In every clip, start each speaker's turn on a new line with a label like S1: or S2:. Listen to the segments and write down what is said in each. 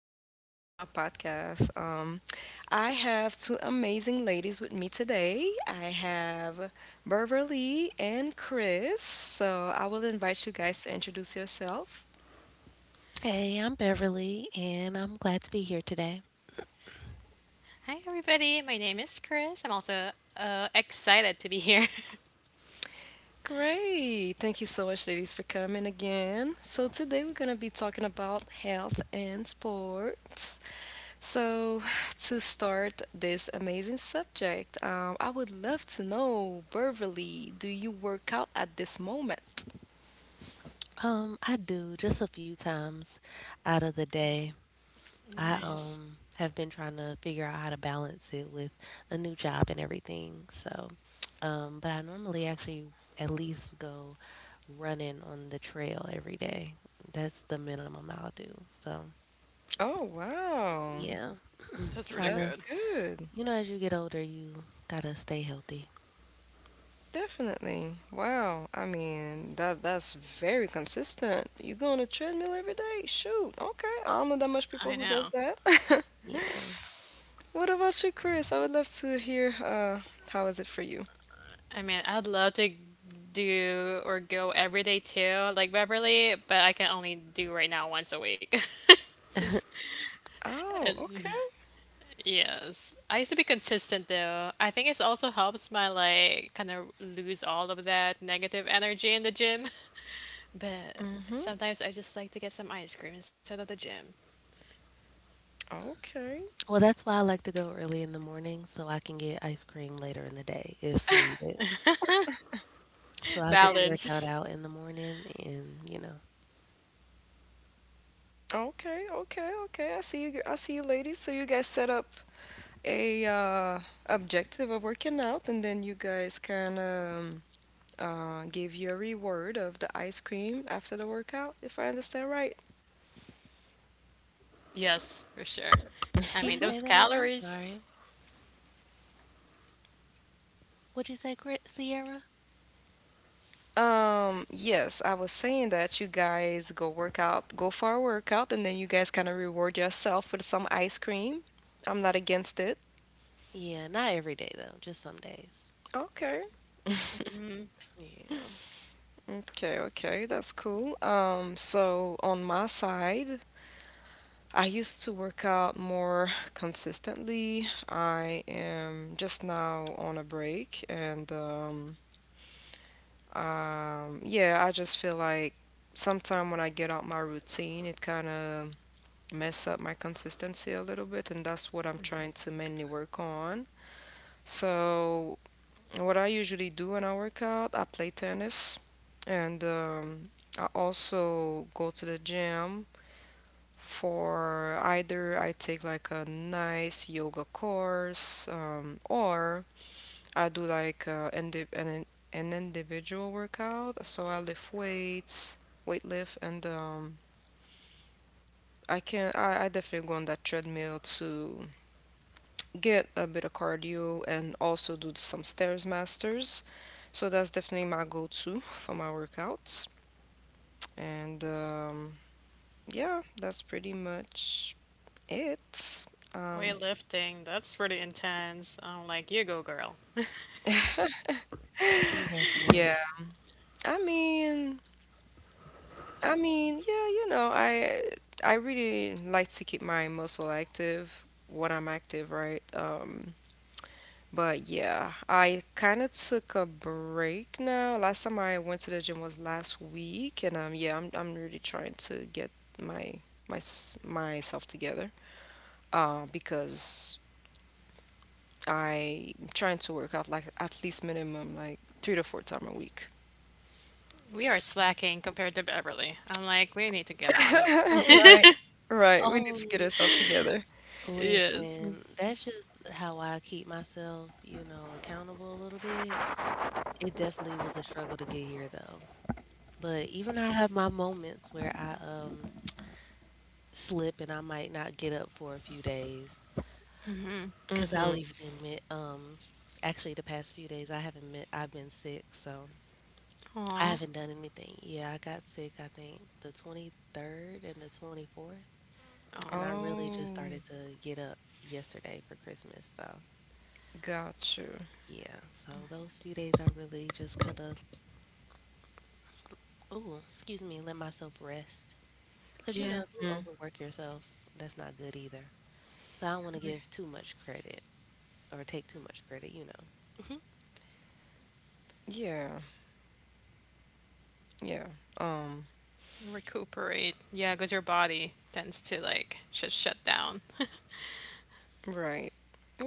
S1: much for coming to my podcast. I have two amazing ladies with me today. I have Beverly and Chris. So I will invite you guys to introduce yourself.
S2: Hey, I'm Beverly, and I'm glad to be here today.
S3: Hi, everybody. My name is Chris. I'm also excited to be here.
S1: Great. Thank you so much, ladies, for coming again. So, today we're going to be talking about health and sports. So, to start this amazing subject, I would love to know, Beverly, do you work out at this moment?
S2: I do just a few times out of the day. I
S3: Nice.
S2: have been trying to figure out how to balance it with a new job and everything. So, but I normally actually at least go running on the trail every day. That's the minimum I'll do. So,
S1: Oh, wow.
S2: yeah,
S3: That's
S2: trying
S3: really
S2: to,
S1: That's
S3: good.
S1: good.
S2: you know, as you get older, you gotta stay healthy.
S1: Definitely. Wow. I mean, that's very consistent. You go on a treadmill every day? Shoot. Okay. I don't know that much
S3: I
S1: people who
S3: know.
S1: does that.
S2: Yeah.
S1: What about you, Chris? I would love to hear how is it for you?
S3: I mean, I'd love to do or go every day too, like Beverly, but I can only do right now once a week. Just,
S1: Oh, okay.
S3: yes. I used to be consistent though. I think it also helps my, like, kind of lose all of that negative energy in the gym. But
S1: Mm-hmm.
S3: sometimes I just like to get some ice cream instead of the gym.
S1: Okay.
S2: Well, that's why I like to go early in the morning so I can get ice cream later in the day if needed. So I'll get the workout
S3: Balance.
S2: out in the morning and.
S1: Okay, okay, okay. I see you. I see you, ladies. So you guys set up a objective of working out, and then you guys can give you a reward of the ice cream after the workout, if I understand right.
S3: Yes, for sure. I
S2: Can you
S3: mean,
S2: say
S3: those
S2: that over? I'm
S3: calories.
S2: sorry. What'd you say, Sierra?
S1: Yes, I was saying that you guys go work out, go for a workout, and then you guys kind of reward yourself with some ice cream. I'm not against it.
S2: Yeah, not every day though, just some days.
S1: Okay.
S2: Yeah,
S1: Okay, okay, that's cool. So on my side, I used to work out more consistently. I am just now on a break, and yeah, I just feel like sometime when I get out my routine, it kind of mess up my consistency a little bit, and that's what I'm trying to mainly work on. So, what I usually do when I work out, I play tennis, and I also go to the gym for either I take like a nice yoga course, or I do like an individual workout. So I lift weights, weight lift, and I definitely go on that treadmill to get a bit of cardio and also do some stairs masters. So that's definitely my go-to for my workouts. And yeah, that's pretty much it. Um,
S3: Weightlifting, that's pretty intense. I'm like, you go, girl.
S1: Yeah.
S2: definitely.
S1: I mean, I mean, yeah, you know, I really like to keep my muscle active when I'm active, right? But yeah, I kind of took a break now. Last time I went to the gym was last week, and yeah, I'm really trying to get my myself together. Because I'm trying to work out like at least minimum like 3 to 4 time a week.
S3: We are slacking compared to Beverly. I'm like, we need to get on it.
S1: Right, right. We
S2: Oh,
S1: need to get ourselves together.
S3: Yes.
S2: listen, that's just how I keep myself, you know, accountable a little bit. It definitely was a struggle to get here though. But even I have my moments where I slip and I might not get up for a few days. Cause I'll even
S1: Mm-hmm.
S2: admit, actually the past few days I haven't met, I've been sick, so I
S3: Aw.
S2: haven't done anything. Yeah, I got sick, I think the 23rd and the 24th, and
S3: Oh,
S2: I really just
S1: Oh,
S2: started to get up yesterday for Christmas, so
S1: got you.
S2: yeah. So those few days I really just kind of, ooh, excuse me, let myself rest. Cause you know, if
S3: yeah.
S2: you
S1: Mm.
S2: overwork yourself, that's not good either. So I don't want to
S3: Re-
S2: give too much credit or take too much credit, you know.
S1: Yeah, yeah. Um,
S3: Recuperate. Yeah, because your body tends to like just shut down.
S1: right.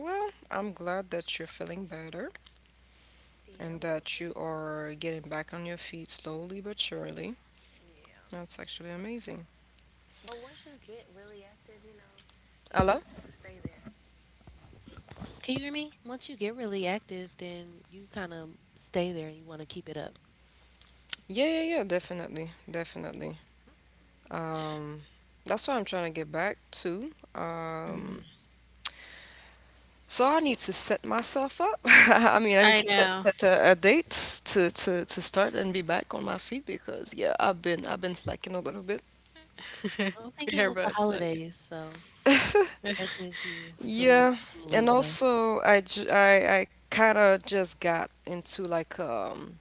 S1: Well, I'm glad that you're feeling better,
S2: Yeah, a
S1: and
S2: little
S1: that you
S2: bit.
S1: are getting back on your feet slowly but surely.
S2: Yeah.
S1: That's actually amazing.
S2: But once you get really active, you know, you
S1: Ella?
S2: like to stay there. Can you hear me? Once you get really active, then you kind of stay there and you want to keep it up.
S1: Yeah, yeah, yeah, definitely. Definitely. Um, that's what I'm trying to get back to. So I need to set myself up. I mean, I need to
S3: I know.
S1: set a date to start and be back on my feet because yeah, I've been slacking a little bit.
S2: I think it was
S3: Your
S2: the
S3: body's like,
S2: holidays, so that gives you
S1: Yeah,
S2: some
S1: and
S2: leeway.
S1: also I kind of just got into like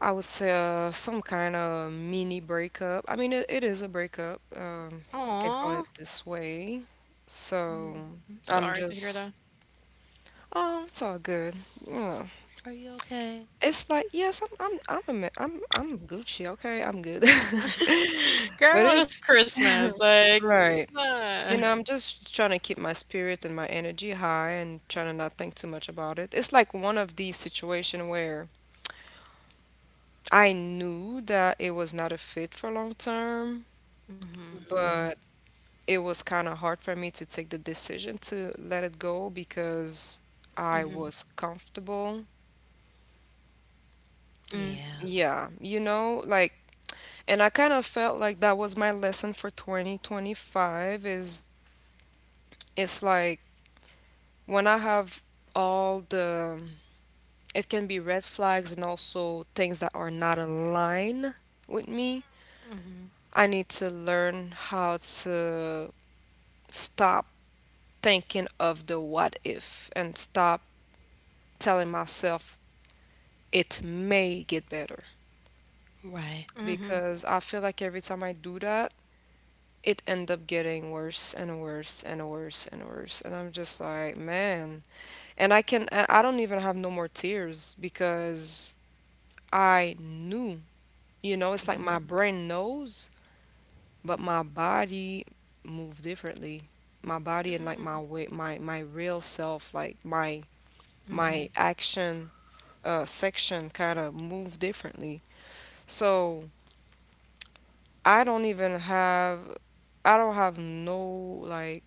S1: I would say some kind of mini breakup. I mean, it is a breakup. We can call it
S3: aw.
S1: this way. So I'm
S3: Sorry to hear
S1: just,
S3: that.
S1: oh, it's all good. You know,
S2: Are you okay?
S1: it's like yes, I'm Gucci. Okay, I'm good. But
S3: Girl, it was
S1: it's
S3: Christmas. Like,
S1: right. You
S3: uh.
S1: know, I'm just trying to keep my spirit and my energy high and trying to not think too much about it. It's like one of these situations where I knew that it was not a fit for long term but it was kind of hard for me to take the decision to let it go because I was comfortable.
S2: Yeah.
S1: Yeah, you know, like, and I kind of felt like that was my lesson for 2025. Is it's like when I have all the, it can be red flags and also things that are not aligned with me. I need to learn how to stop thinking of the what if and stop telling myself it may get better
S2: Right.
S3: hmm
S1: because I feel like every time I do that, it end up getting worse and worse and worse and worse. And I'm just like, man. And I don't even have no more tears because I knew, you know, it's like my brain knows, but my body move differently. My body and like my way, my real self, like my action section kind of move differently. So I don't even have I don't have no like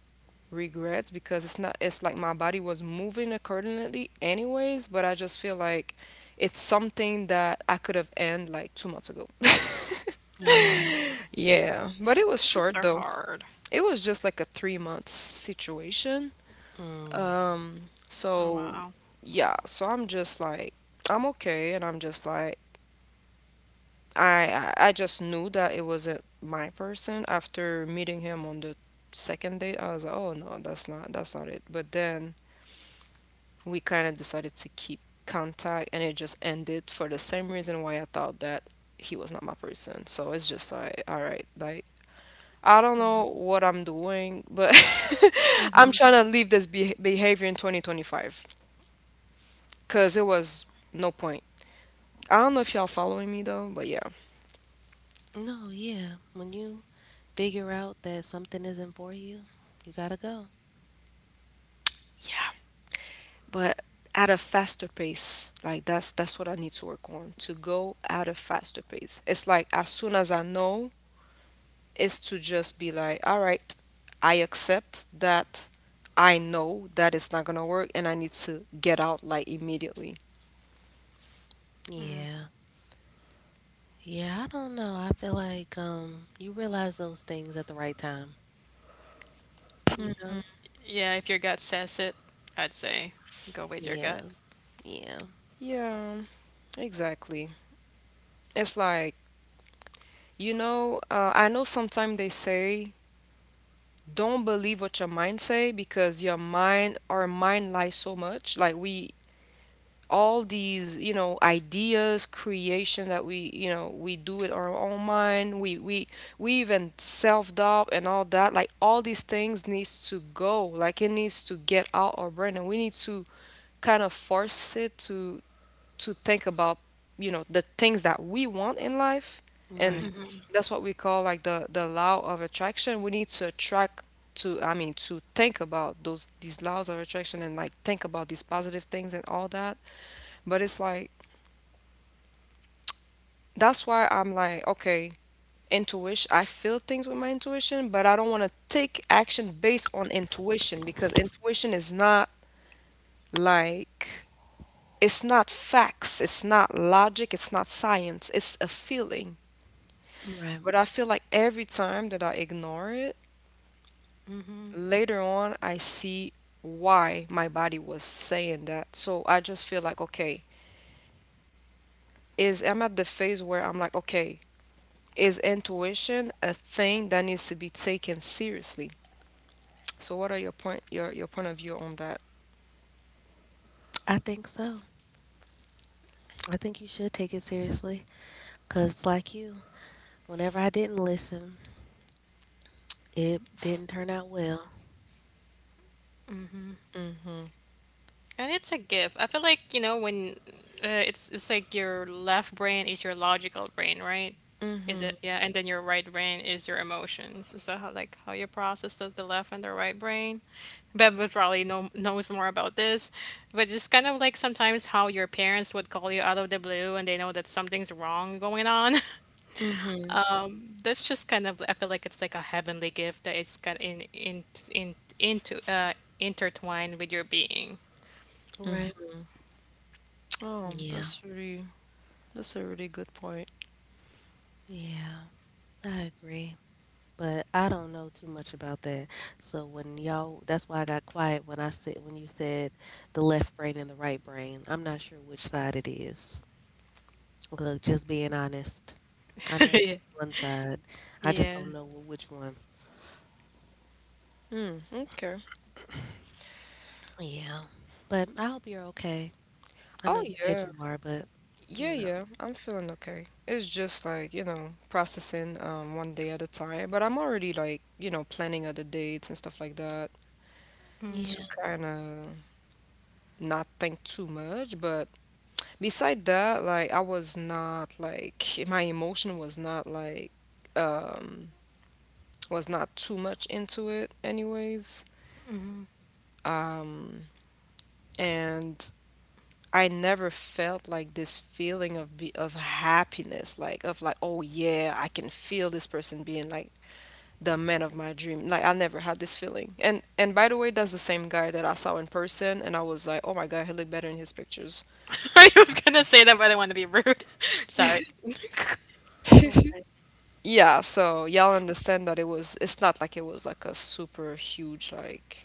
S1: regrets because it's not, it's like my body was moving accordingly anyways, but I just feel like it's something that I could have ended like 2 months ago.
S3: Oh,
S2: Yeah.
S1: Yeah, but it was
S3: breakups
S1: short
S3: are
S1: though.
S3: hard.
S1: It was just like a 3 months situation.
S2: Mm.
S3: Oh,
S1: So
S3: wow.
S1: yeah, so I'm just like I'm okay, and I'm just like I just knew that it wasn't my person after meeting him on the second date. I was like, oh no, that's not it. But then we kind of decided to keep contact, and it just ended for the same reason why I thought that he was not my person. So it's just like, all right, like I don't know what I'm doing, but I'm
S3: Mhm.
S1: trying to leave this behavior in 2025 because it was no point. I don't know if y'all following me though, but yeah.
S2: No, yeah. When you figure out that something isn't for you, you gotta go.
S1: But at a faster pace. Like that's what I need to work on, to go at a faster pace. It's like as soon as I know, it's to just be like, all right, I accept that I know that it's not gonna work, and I need to get out like immediately.
S2: Yeah. Yeah, I don't know. I feel like you realize those things at the right time, you know?
S3: Yeah, if your gut says it, I'd say go with your gut.
S2: Yeah. Yeah.
S1: Yeah, exactly. It's like you know, I know sometimes they say don't believe what your mind say because your mind our mind lies so much, like we all these you know ideas creation that we you know we do with our own mind, we even self-doubt and all that, like all these things needs to go, like it needs to get out our brain, and we need to kind of force it to think about you know the things that we want in life, and
S2: Right.
S1: that's what we call like the law of attraction. We need to attract to I mean to think about those these laws of attraction and like think about these positive things and all that. But it's like that's why I'm like, okay, intuition, I feel things with my intuition, but I don't want to take action based on intuition because intuition is not like, it's not facts, it's not logic, it's not science, it's a feeling.
S2: Right.
S1: But I feel like every time that I ignore it, later on I see why my body was saying that. So I just feel like, okay, is I'm at the phase where I'm like, okay, is intuition a thing that needs to be taken seriously? So what are your point of view on that?
S2: I think so. I think you should take it seriously cuz like you, whenever I didn't listen, it didn't turn out well.
S3: And it's a gift. I feel like, you know, when it's like your left brain is your logical brain, right? Is it? Yeah, and then your right brain is your emotions. Is that how like how you process the left and the right brain? Bev would probably know knows more about this, but it's kind of like sometimes how your parents would call you out of the blue and they know that something's wrong going on. That's just kind of I feel like it's like a heavenly gift that it's got in into intertwined with your being.
S2: Right.
S1: Oh,
S2: Yeah.
S1: that's really that's a really good point.
S2: Yeah. I agree. But I don't know too much about that. So when y'all that's why I got quiet when I said when you said the left brain and the right brain. I'm not sure which side it is. Look, just being honest. I know it's
S3: Yeah.
S2: one side. I just don't
S3: Yeah.
S2: know which one.
S1: Hmm, okay.
S2: Yeah. But I hope you're okay. I know
S1: Oh
S2: you said
S1: yeah.
S2: you are, but
S1: Yeah,
S2: you know.
S1: yeah. I'm feeling okay. It's just like, you know, processing one day at a time, but I'm already like, you know, planning other dates and stuff like that
S2: Yeah.
S1: to kind of not think too much, but beside that, like I was not like my emotion was not like um was not too much into it, anyways. Um, and I never felt like this feeling of be of happiness, like of like, oh yeah, I can feel this person being like the man of my dream. Like I never had this feeling. And by the way, that's the same guy that I saw in person, and I was like, oh my god, he looked better in his pictures.
S3: I was gonna say that, but I didn't want to be rude. Sorry.
S2: All right.
S1: Yeah, so y'all understand that it's not like it was like a super huge like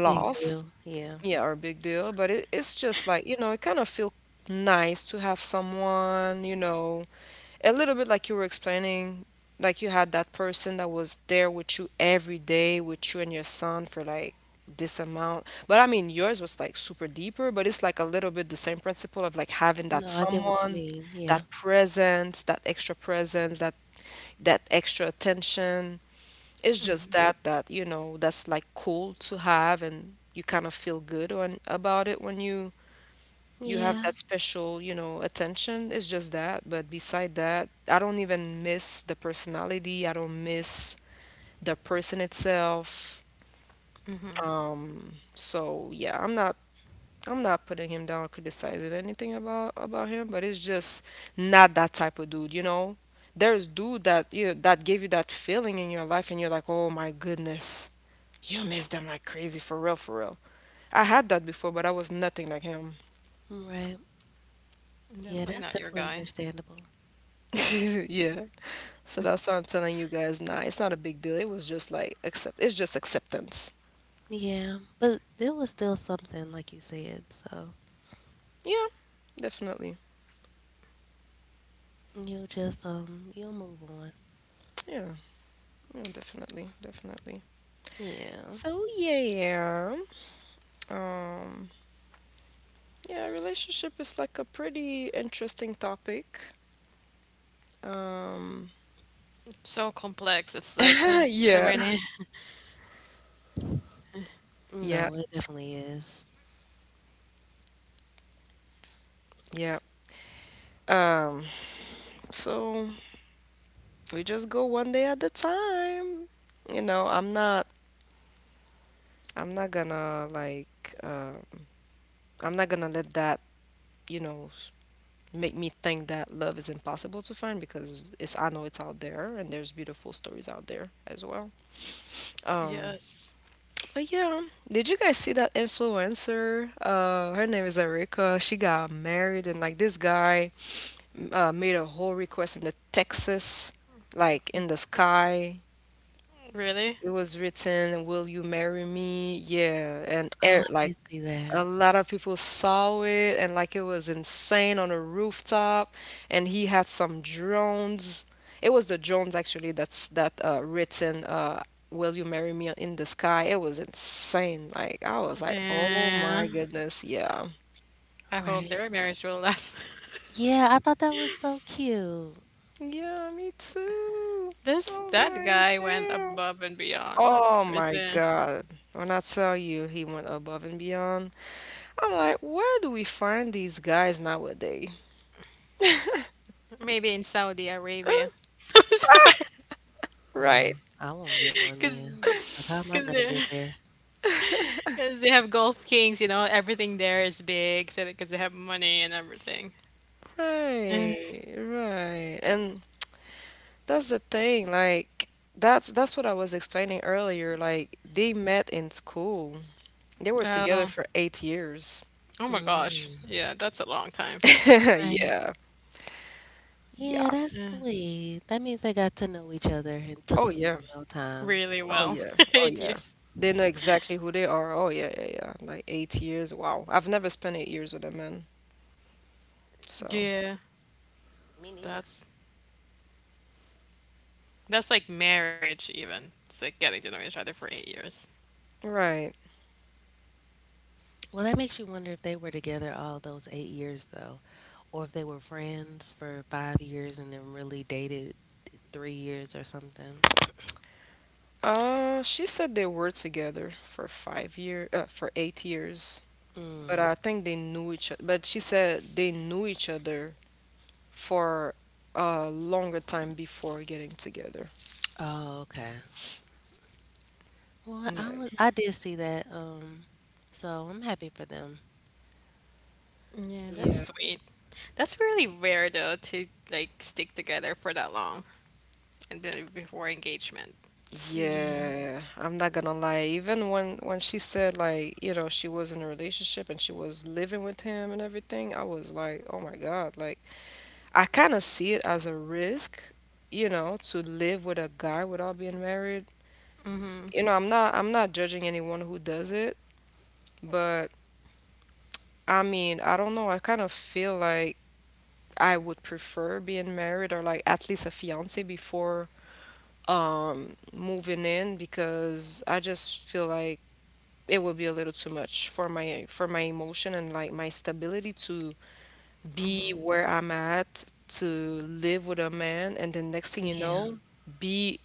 S2: Big deal. Yeah.
S1: Yeah, are a big deal, but it's just like, you know, it kind of feel nice to have someone, you know, a little bit like you were explaining, like you had that person that was there with you every day, with you and your son for like this amount. But I mean, yours was like super deeper, but it's like a little bit the same principle of like having that
S2: No, I get what you
S1: someone,
S2: mean. Yeah.
S1: that presence, that extra presence, that extra attention. It's just that you know, that's like cool to have, and you kind of feel good on about it when you have
S2: Yeah.
S1: that special, you know, attention. It's just that. But beside that, I don't even miss the personality. I don't miss the person itself. So yeah, I'm not putting him down, criticizing anything about him, but it's just not that type of dude, you know. There's dude that you know, that gave you that feeling in your life, and you're like, oh my goodness, you miss them like crazy, for real, for real. I had that before, but I was nothing like him.
S2: Right. Yeah,
S3: Definitely
S2: that's
S3: not your
S2: definitely
S3: guy.
S2: understandable.
S1: Yeah. So that's why I'm telling you guys, nah, it's not a big deal. It was just like accept. It's just acceptance.
S2: Yeah. But there was still something like you said, so
S1: Yeah, definitely.
S2: you'll just you'll move on.
S1: Yeah, yeah, definitely, definitely.
S2: Yeah.
S1: So yeah, um, yeah, relationship is like a pretty interesting topic. Um,
S3: So complex. It's like there's so
S1: yeah,
S3: many.
S1: yeah,
S2: No, it definitely is.
S1: yeah. Um, so we just go one day at a time. You know, I'm not gonna like, uh, I'm not gonna let that, you know, make me think that love is impossible to find because I know it's out there and there's beautiful stories out there as well. Um,
S3: Yes.
S1: But yeah, did you guys see that influencer? Her name is Erika. She got married, and like this guy made a whole request in the Texas, like in the sky.
S3: Really?
S1: It was written, "Will you marry me?" Yeah, and
S2: Oh,
S1: air,
S2: I
S1: like
S2: did see
S1: a
S2: that.
S1: lot of people saw it, and like it was insane on a rooftop, and he had some drones. It was the drones actually that written "Will you marry me?" in the sky. It was insane. Like I was like, "Oh
S3: Yeah.
S1: my goodness, yeah,
S3: I hope
S2: Right.
S3: their marriage will last.
S2: Yeah, I thought that was so cute.
S1: yeah, me too." I
S3: This
S1: was
S3: that
S1: like,
S3: guy went
S1: "Damn."
S3: above and beyond. That's
S1: Oh my
S3: crazy.
S1: God. When I tell you he went above and beyond, I'm like, where do we find these guys nowadays?
S3: Maybe in Saudi Arabia. I'm sorry.
S1: Right.
S2: Well, I won't get one
S3: Because
S2: then, 'cause how am I gonna
S3: They,
S2: get there?
S3: cause they have Gulf Kings, you know, everything there is big, so because they have money and everything.
S1: Right. And that's the thing, like that's what I was explaining earlier. Like they met in school. They were
S3: Eh.
S1: together
S3: Oh,
S1: for 8 years.
S3: oh my gosh,
S2: Mm,
S3: yeah, that's a long time.
S2: right.
S1: Yeah. Yeah.
S2: Yeah, that's
S3: Yeah,
S2: sweet. That means they got to know each other and took
S1: Oh
S2: some
S1: yeah.
S2: real time.
S3: really
S1: Oh
S2: Yeah,
S3: well,
S1: yeah. Oh
S3: eight
S1: yeah.
S3: years.
S1: They know exactly who they are. Oh yeah, yeah, yeah. Like 8 years. Wow. I've never spent 8 years with a man. So,
S3: Yeah,
S2: me neither.
S3: that's that's like marriage even. It's like getting to know each other for 8 years.
S1: right.
S2: Well, that makes you wonder if they were together all those 8 years, though, or if they were friends for 5 years and then really dated 3 years or something.
S1: She said they were together for 8 years,
S2: Mm.
S1: but I think they knew each other. But she said they knew each other for a longer time before getting together.
S2: Oh, okay. Well,
S1: Yeah,
S2: I did see that. So I'm happy for them.
S3: Yeah, that's
S1: yeah,
S3: sweet. That's really rare though to like stick together for that long and then before engagement.
S2: Yeah,
S1: yeah. I'm not gonna lie. Even when she said like, you know, she was in a relationship and she was living with him and everything, I was like, oh my God. Like, I kind of see it as a risk, you know, to live with a guy without being married, you know, I'm not judging anyone who does it, but I mean, I don't know. I kind of feel like I would prefer being married or like at least a fiance before moving in because I just feel like it would be a little too much for my emotion and like my stability to be where I'm at to live with a man and then next thing you
S2: yeah.
S1: know be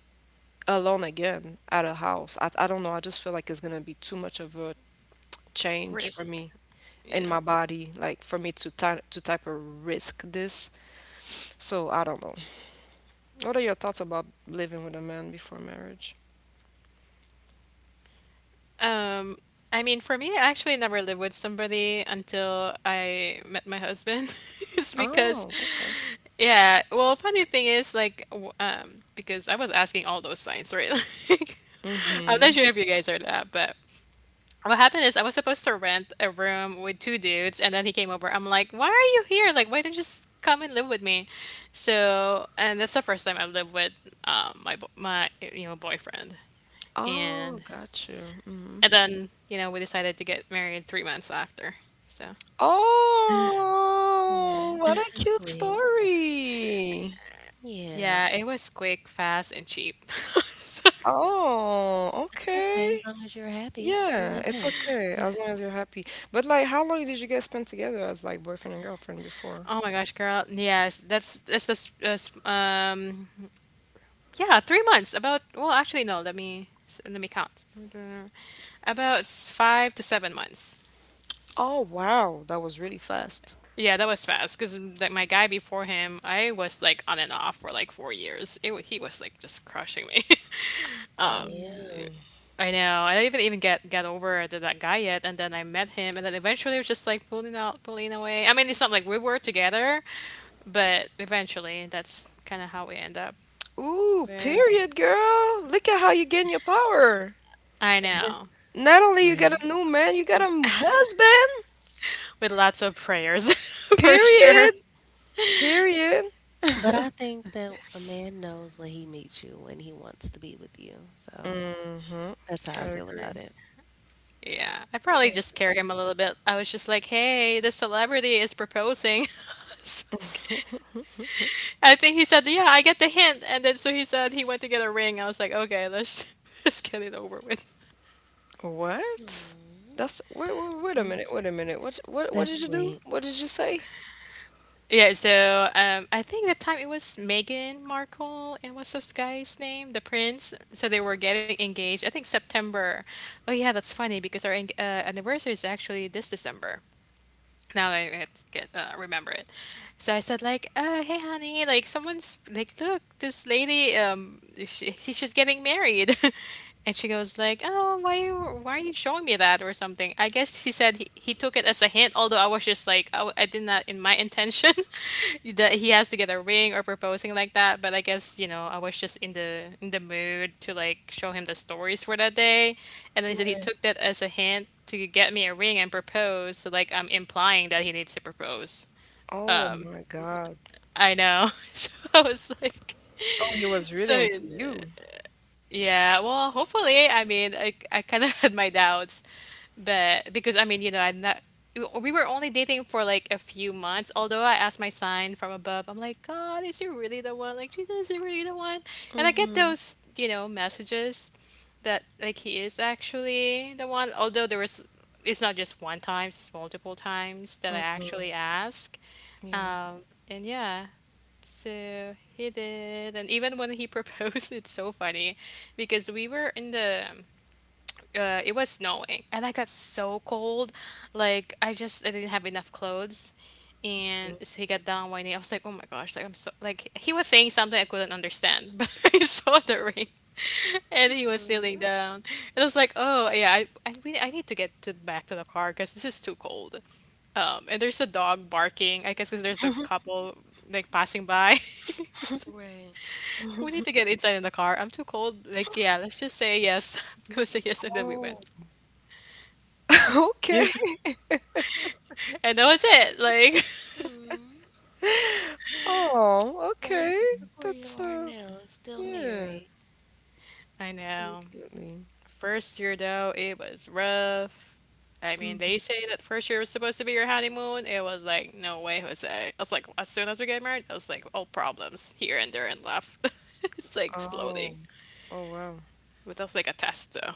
S1: alone again at a house. I don't know. I just feel like it's gonna be too much of a change for
S3: Risk.
S1: me in
S3: Yeah.
S1: my body, like for me to ty to type of risk this. So I don't know. What are your thoughts about living with a man before marriage?
S3: Um, I mean, for me, I actually never lived with somebody until I met my husband. It's because,
S1: Oh, okay.
S3: yeah, well, funny thing is, like, because I was asking all those signs, right? Like, I'm
S1: Mm-hmm.
S3: not sure if you guys are that, but what happened is I was supposed to rent a room with two dudes, and then he came over. I'm like, why are you here? Like, why don't you just come and live with me? So, and that's the first time I lived with my my you know boyfriend,
S1: Oh,
S3: and
S1: got you. Mm-hmm.
S3: then, you know, we decided to get married 3 months after. So,
S1: Oh,
S2: Mm,
S1: what a
S2: that's
S1: cute
S2: sweet.
S1: story.
S2: Yeah,
S3: yeah, it was quick, fast, and cheap. So-
S1: Oh,
S2: that's okay as
S1: okay.
S2: long as you're happy, you
S1: Yeah,
S2: and
S1: it's
S2: him.
S1: okay as long as you're happy. But like, how long did you guys spend together as like boyfriend and girlfriend before?
S3: oh my gosh, girl. Yes, that's yeah, 3 months. About well, actually no, let me count. About 5 to 7 months.
S1: Oh, wow, that was really fast.
S3: Yeah, that was fast because like my guy before him, I was like on and off for like 4 years. He was like just crushing me.
S2: Yeah,
S1: Oh.
S3: I know. I didn't even get over to that guy yet, and then I met him, and then eventually it was just like pulling out, pulling away. I mean, it's not like we were together, but eventually that's kind of how we end up.
S1: Ooh,
S3: With,
S1: period, girl. Look at how you gain your power.
S3: I know,
S1: Not only you got
S2: right.
S1: a new man, you got a husband.
S3: with lots of prayers, for sure.
S1: Period. Period.
S2: But I think that a man knows when he meets you when he wants to be with you. So
S1: Mm-hmm.
S2: that's
S1: I
S2: how I feel about
S1: agree.
S2: it.
S3: Yeah, I probably
S1: I
S3: just carry him a little bit. I was just like, "Hey, this celebrity is proposing." So,
S1: agree.
S3: I think he said, "Yeah, I get the hint," and then so he said he went to get a ring. I was like, "Okay, let's let's get it over with."
S1: What?
S2: Aw,
S1: That's wait, wait a minute. What
S2: that's
S1: did you do?
S2: sweet.
S1: What did you say?
S3: Yeah, so I think that time it was Meghan Markle and what's this guy's name? The prince. So they were getting engaged. I think September. Oh yeah, that's funny because our anniversary is actually this December. Now I had to get remember it. So I said like, "Hey, honey, like someone's like, look, this lady, she's just getting married," and she goes like, "Oh, why you why are you showing me that or something?" I guess he said he took it as a hint, although I was just like, I did not in my intention that he has to get a ring or proposing like that, but I guess you know I was just in the mood to like show him the stories for that day, and then he said he
S2: Right.
S3: took that as a hint to get me a ring and propose. So like I'm implying that he needs to propose.
S1: Oh my God.
S3: I know. So I was like,
S1: Oh, he was
S3: so
S1: really into you.
S3: yeah. Well, hopefully. I mean, I kind of had my doubts. But because I mean, you know, I not we were only dating for like a few months. Although I asked my sign from above, I'm like, God, is he really the one? Like, Jesus, is he really the one? And I get
S1: Mm-hmm.
S3: those, you know, messages that like he is actually the one. Although there was, it's not just one time, it's multiple times that I
S1: Mm-hmm.
S3: actually ask.
S1: Yeah.
S3: Um, and yeah, so he did. And even when he proposed, it's so funny because we were in the it was snowing and I got so cold. Like I didn't have enough clothes. And so he got down whining. I was like, oh my gosh, like I'm so like he was saying something I couldn't understand, but I saw the ring and he was kneeling
S2: Mm,
S3: down. And I was like, oh yeah, I need to get to back to the car because this is too cold. And there's a dog barking. I guess because there's a couple like passing by.
S2: right.
S3: We need to get inside in the car. I'm too cold. Like yeah, let's just say yes. I'm gonna say yes, and then we
S1: Oh.
S3: went. Yeah.
S1: Okay.
S3: And that was it. Like,
S2: Mm.
S1: Oh,
S2: Well,
S1: okay.
S2: look where you
S1: That's
S2: are now and still
S1: yeah,
S2: married.
S3: I know.
S1: definitely.
S3: First year though, it was rough. I mean, they say that first year was supposed to be your honeymoon. It was like, no way, Jose. I was like, as soon as we get married, I was like, all problems here and there and left. It's like
S1: Oh,
S3: exploding.
S1: oh wow.
S3: But that was like a test though.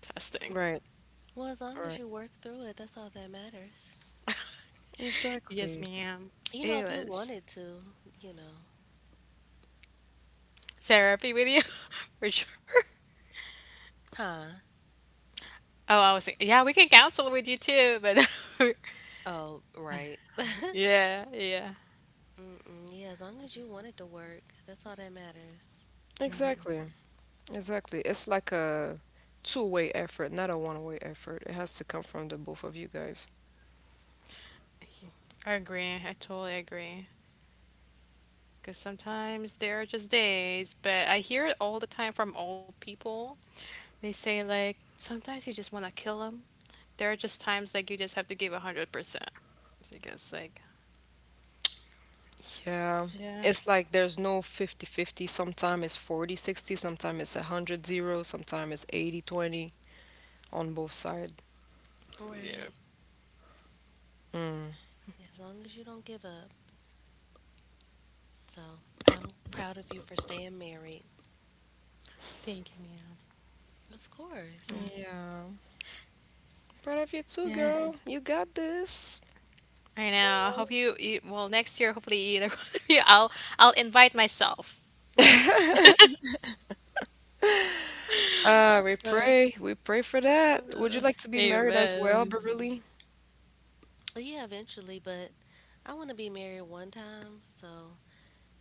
S3: Testing.
S1: Right,
S2: Well, as long
S1: right.
S2: as you work through it, that's all that matters.
S3: Yes,
S1: Exactly.
S3: ma'am.
S2: You know,
S3: It
S2: if you
S3: was
S2: wanted to, you know.
S3: therapy with you, for sure.
S2: Huh?
S3: Oh, I was thinking, yeah, we can counsel with you too, but
S2: Oh, right.
S3: yeah, yeah.
S2: Mm-mm. Yeah, as long as you wanted to work, that's all that matters.
S1: Exactly. Exactly. It's like a two-way effort, not a one-way effort. It has to come from the both of you guys.
S3: I agree. I totally agree. Because sometimes there are just days, but I hear it all the time from old people. They say, like, sometimes you just want to kill them. There are just times like you just have to give 100%. So I guess, like,
S1: Yeah.
S3: yeah.
S1: It's like there's no 50-50. Sometimes it's 40-60, sometimes it's 100-0, sometimes it's 80-20 on both sides.
S3: Yeah.
S2: Right.
S1: Mm.
S2: As long as you don't give up. So I'm proud of you for staying married.
S3: Thank you, Mia.
S2: Of course.
S1: Yeah. Proud of you too,
S3: Yeah,
S1: girl. You got this.
S3: I know. I hope you, you well next year hopefully either one of you I'll invite myself. Like
S1: Ah, we pray for that. Would you like to be married as well,
S3: Amen.
S1: Beverly?
S2: Well, yeah, eventually, but I want to be married one time, so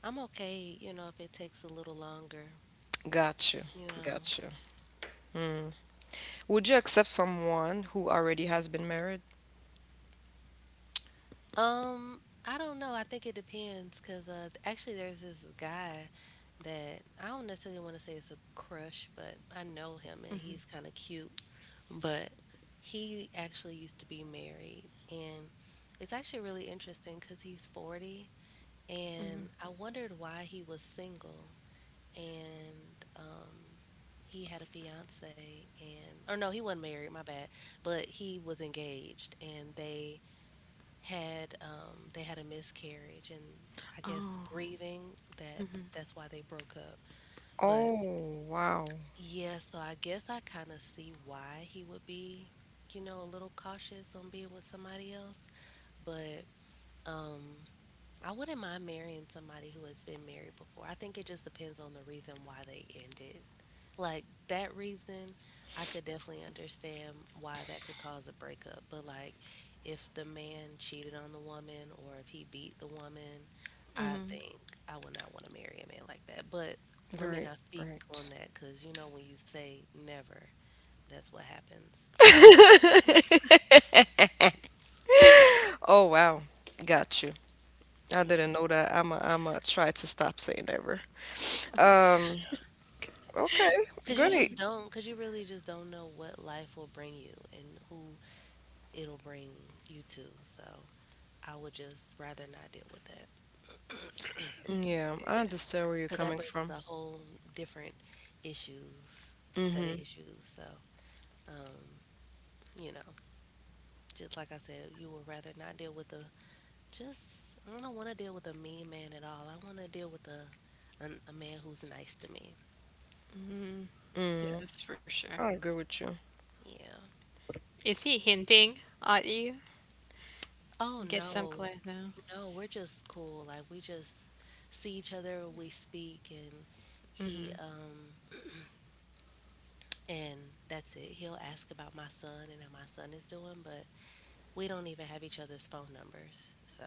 S2: I'm okay, you know, if it takes a little longer,
S1: Got you,
S2: you know.
S1: got you. Mm. Would you accept someone who already has been married?
S2: I don't know. I think it depends because actually, there's this guy that I don't necessarily want to say it's a crush, but I know him and
S3: Hmm
S2: he's kind of cute. But he actually used to be married and it's actually really interesting because he's 40 and I wondered why he was single and, he had a fiance and or no he wasn't married my bad but he was engaged and they had a miscarriage and I guess
S3: Oh.
S2: grieving that,
S3: mm
S2: that's why they broke up. But
S1: Oh, wow.
S2: yeah, so I guess I kind of see why he would be, you know, a little cautious on being with somebody else. But um, I wouldn't mind marrying somebody who has been married before. I think it just depends on the reason why they ended, like that reason I could definitely understand why that could cause a breakup, but like if the man cheated on the woman or if he beat the woman, I
S3: mm
S2: think I would not want to marry a man like that. But let me
S1: Very
S2: not speak
S1: right.
S2: on that because you know when you say never, that's what happens. So
S1: Oh, wow. Got you. I
S2: yeah,
S1: didn't know that. I'm a try to stop saying never. Um, okay,
S2: because you
S1: great.
S2: just don't, because you really just don't know what life will bring you and who it'll bring you to, so I would just rather not deal with that
S1: Yeah, I understand where you're
S2: because that
S1: coming
S2: brings
S1: from.
S2: a whole different issues, set of
S1: Mm-hmm.
S2: issues. So, um, you know, just like I said, you would rather not deal with a just. I don't want to deal with a mean man at all. I want to deal with a man who's nice to me.
S1: Mm.
S3: Yes, for sure.
S1: I agree with you.
S2: Yeah.
S3: Is he hinting at you?
S2: Oh
S3: Get some
S2: no,
S3: clue now.
S2: no, we're just cool. Like we just see each other, we speak, and he and that's it. He'll ask about my son and how my son is doing, but we don't even have each other's phone numbers. So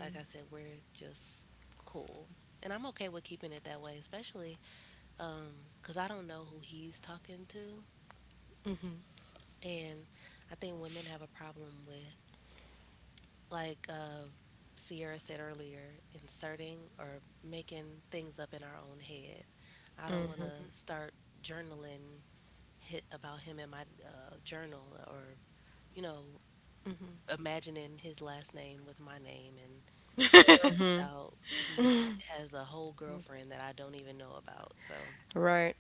S2: like I said, we're just cool. And I'm okay with keeping it that way, especially because I don't know who he's talking to. And I think women have a problem with, like Sierra said earlier, inserting or making things up in our own head. I don't want
S1: Mm-hmm.
S2: to start journaling hit about him in my journal or, you know, imagining his last name with my name and it
S1: Mm-hmm.
S2: turns out he has a whole girlfriend that I don't even know about. So,
S1: Right,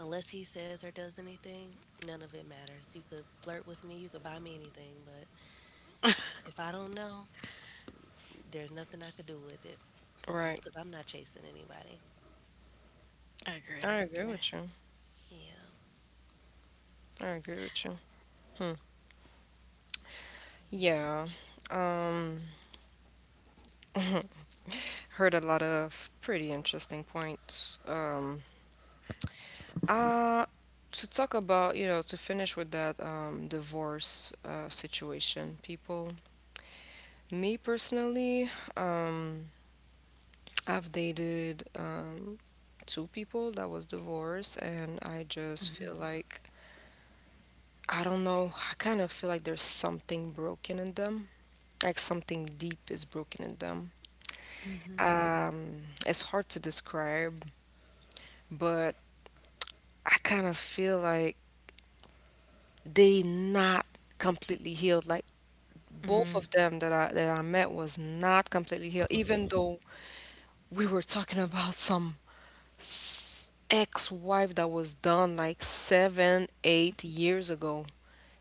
S2: unless he says or does anything, none of it matters. You could flirt with me, you could buy me anything, but if I don't know, there's nothing I could do with it
S1: right.
S2: because I'm not chasing anybody.
S3: I agree,
S1: I
S3: I
S1: agree
S3: agree.
S1: with you.
S2: Yeah,
S1: I agree with you. Hmm.
S2: yeah.
S1: Yeah. Um, heard a lot of pretty interesting points. Uh, to talk about, you know, to finish with that divorce situation, people, me personally, um, I've dated 2 people that was divorced, and I just feel like, I don't know, I kind of feel like there's something broken in them. Like something deep is broken in them. It's hard to describe, but I kind of feel like they not completely healed. Like both of them that I met was not completely healed, even though we were talking about some ex-wife that was done like 7, 8 years ago.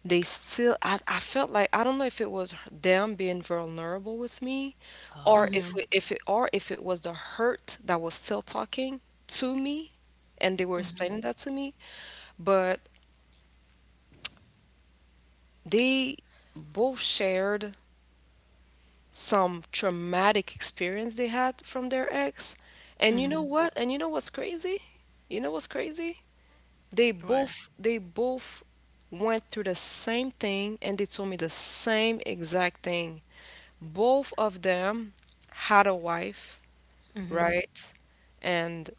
S1: They still, I felt like I don't know if it was them being vulnerable with me or
S2: Oh,
S1: if it was the hurt that was still talking to me and they were explaining that to me, but they both shared some traumatic experience they had from their ex. And you know what, and you know what's crazy you know what's crazy, they
S3: What?
S1: both they both went through the same thing and they told me the same exact thing. Both of them had a wife, right? And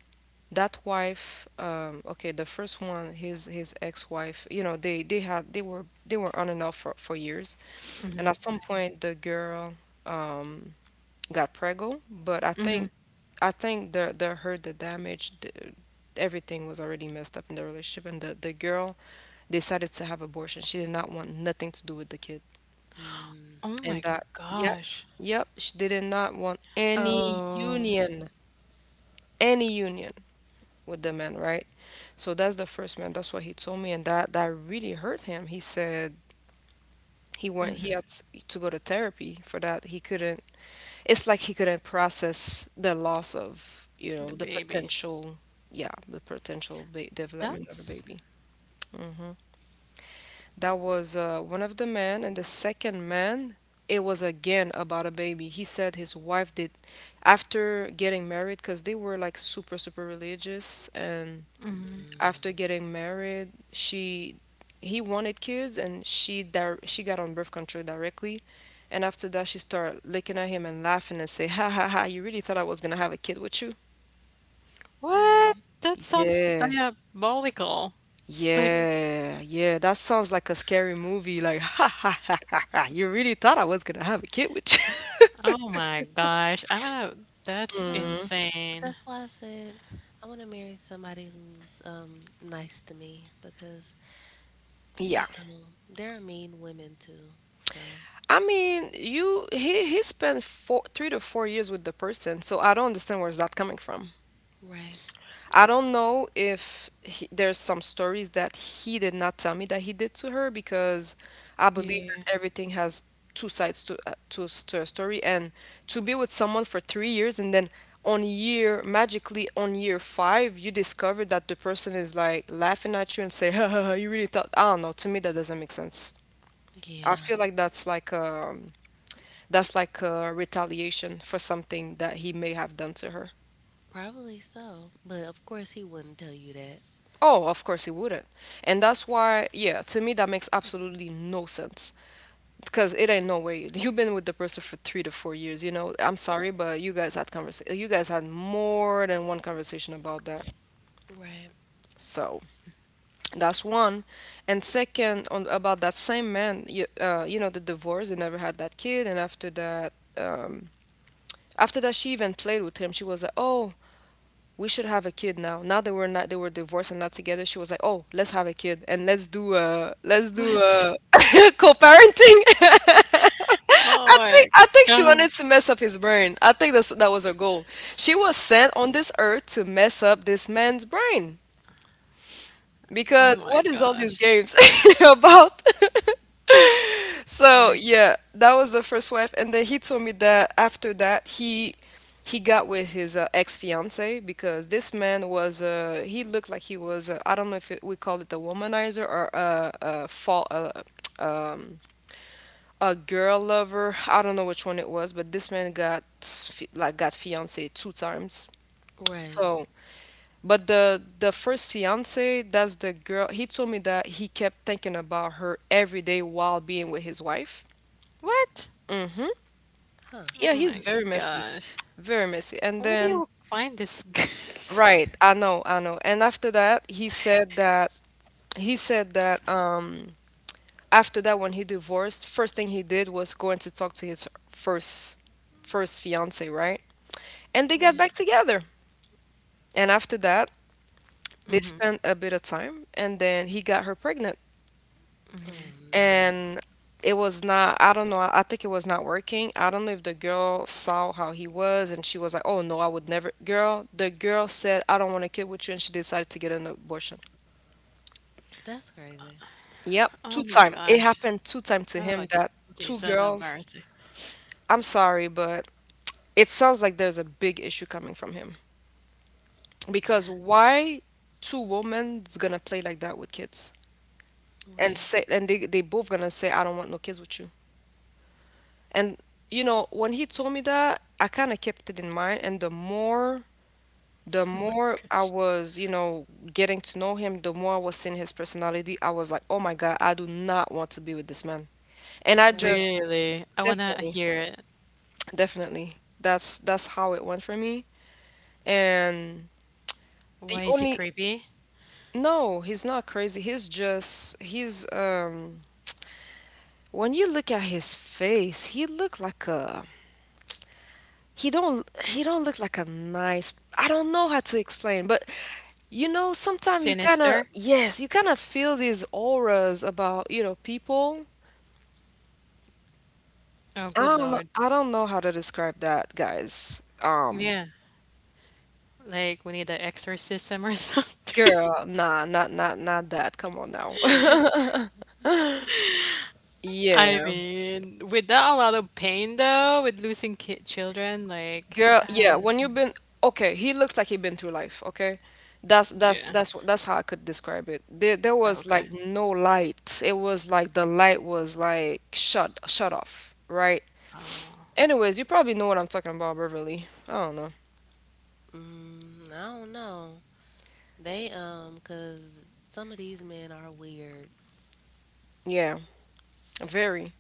S1: that wife, okay, the first one, his ex-wife, you know, they were on and off for years. And at some point, the girl um, got preggo, but I think the her the damage, the everything was already messed up in the relationship, and the girl decided to have abortion. She did not want nothing to do with the kid.
S2: mm,
S3: Oh my
S1: And that, yep,
S3: gosh.
S1: yep she did not want any
S3: Oh,
S1: union, any union with the man, right? So that's the first man. That's what he told me and that that really hurt him. He said he went, he had to go to therapy for that. He couldn't, it's like he couldn't process the loss of, you
S3: the
S1: know, the
S3: baby.
S1: potential, yeah, the potential development of a
S3: That's
S1: baby. Mm-hmm. That was one of the men, and the second man, it was again about a baby. He said his wife did after getting married because they were like super religious, and after
S2: mm,
S1: getting married, she he wanted kids, and she got on birth control directly. And after that, she started looking at him and laughing and say, "Ha ha ha! You really thought I was gonna have a kid with you?"
S3: what?
S2: mm.
S3: That sounds
S1: Yeah.
S3: diabolical. Like,
S1: Yeah, yeah, that sounds like a scary movie. Like, ha ha ha ha ha. You really thought I was gonna have a kid with you?
S3: oh my gosh. I'm gonna, that's
S2: Well, but
S3: insane.
S2: that's why I said I want to marry somebody who's nice to me because
S1: Yeah.
S2: you know there are mean women too. So
S1: I mean, you he spent 3 to 4 years with the person, so I don't understand where's that coming from.
S2: right.
S1: I don't know if he, there's some stories that he did not tell me that he did to her because I believe
S3: Yeah.
S1: that everything has two sides to a story. And to be with someone for 3 years and then on year 5 you discover that the person is like laughing at you and say ha, ha, ha, you really thought, I don't know, to me that doesn't make sense. I
S2: Yeah,
S1: feel like that's like that's like a retaliation for something that he may have done to her.
S2: probably so. But of course he wouldn't tell you that.
S1: Oh, of course he wouldn't. And that's why, yeah, to me that makes absolutely no sense. Because it ain't no way. You've been with the person for 3 to 4 years, you know. I'm sorry, but you guys had more than one conversation about that.
S2: Right.
S1: So that's one. And second, on about that same man, you know, the divorce, they never had that kid, and after that she even played with him, she was like, "Oh, we should have a kid now." Now they were not, they were divorced and not together. She was like, "Oh, let's have a kid and let's do
S3: What?
S1: co-parenting."
S3: Oh my
S1: I think she
S3: god.
S1: wanted to mess up his brain. I think that was her goal. She was sent on this earth to mess up this man's brain.
S3: Oh
S1: Because
S3: my
S1: what is all these
S3: gosh.
S1: games about? So
S2: Right.
S1: yeah, that was the first wife, and then he told me that after that he got with his ex fiance because this man was he looked like he was I don't know if it, we call it a womanizer or a fall um a girl lover. I don't know which one it was, but this man got fi- like got fiance two times.
S2: Right.
S1: So, but the first fiance, that's the girl. He told me that he kept thinking about her every day while being with his wife.
S3: What?
S1: Mm-hmm.
S2: Huh.
S1: Yeah,
S3: Oh
S1: he's
S3: my
S1: very messy,
S3: gosh.
S1: very messy. And
S3: Where do
S1: then,
S3: you find this?
S1: right, I know, I know. And after that, he said that after that when he divorced, first thing he did was going to talk to his first fiance, right? And they got
S2: Right.
S1: back together. And after that, they spent a bit of time and then he got her pregnant.
S2: Oh no.
S1: And it was not I don't know, I think it was not working. I don't know if the girl saw how he was, and she was like, "Oh no, I would never." Girl the girl said, "I don't want a kid with you," and she decided to get an abortion.
S2: That's crazy.
S1: Yep, two
S3: Oh my
S1: time it
S3: gosh.
S1: happened, two time to
S3: Oh,
S1: him, that two
S3: Jesus have
S1: girls.
S3: mercy.
S1: I'm sorry, but it sounds like there's a big issue coming from him. Because
S2: Mhm.
S1: why two women's gonna play like that with kids and
S2: Right.
S1: say, and they both gonna say, "I don't want no kids with you." And you know, when he told me that, I kind of kept it in mind. And the more I was, getting to know him, the more I was seeing his personality. I was like, "Oh my God, I do not want to be with this man." And I just
S2: Right.
S3: Really? I wanna
S1: definitely,
S3: hear it.
S1: definitely, that's how it went for me. And the
S3: Why is he
S1: only,
S3: creepy?
S1: no, he's not crazy. He's just, he's. When you look at his face, he looked like a. He don't look like a nice. I don't know how to explain, but sometimes you kind of,
S3: Sinister?
S1: yes, you kind of feel these auras about, people.
S3: Oh, good lord.
S1: I don't know how to describe that, guys.
S3: Yeah, like we need an exorcism or something.
S1: Girl, nah, not that. Come on now.
S3: I
S1: Yeah.
S3: mean, without a lot of pain though, with losing kid children, like
S1: Girl,
S3: I
S1: yeah,
S3: hadn't.
S1: when you've been, okay, he looks like he been through life, okay? That's that's
S3: Yeah.
S1: that's that's how I could describe it. There was
S3: Okay.
S1: like no light. It was like the light was like shut off, right? Anyways, you probably know what I'm talking about, Beverly. I don't know.
S2: Mm, I don't know. They cause some of these men are weird.
S1: Yeah, very.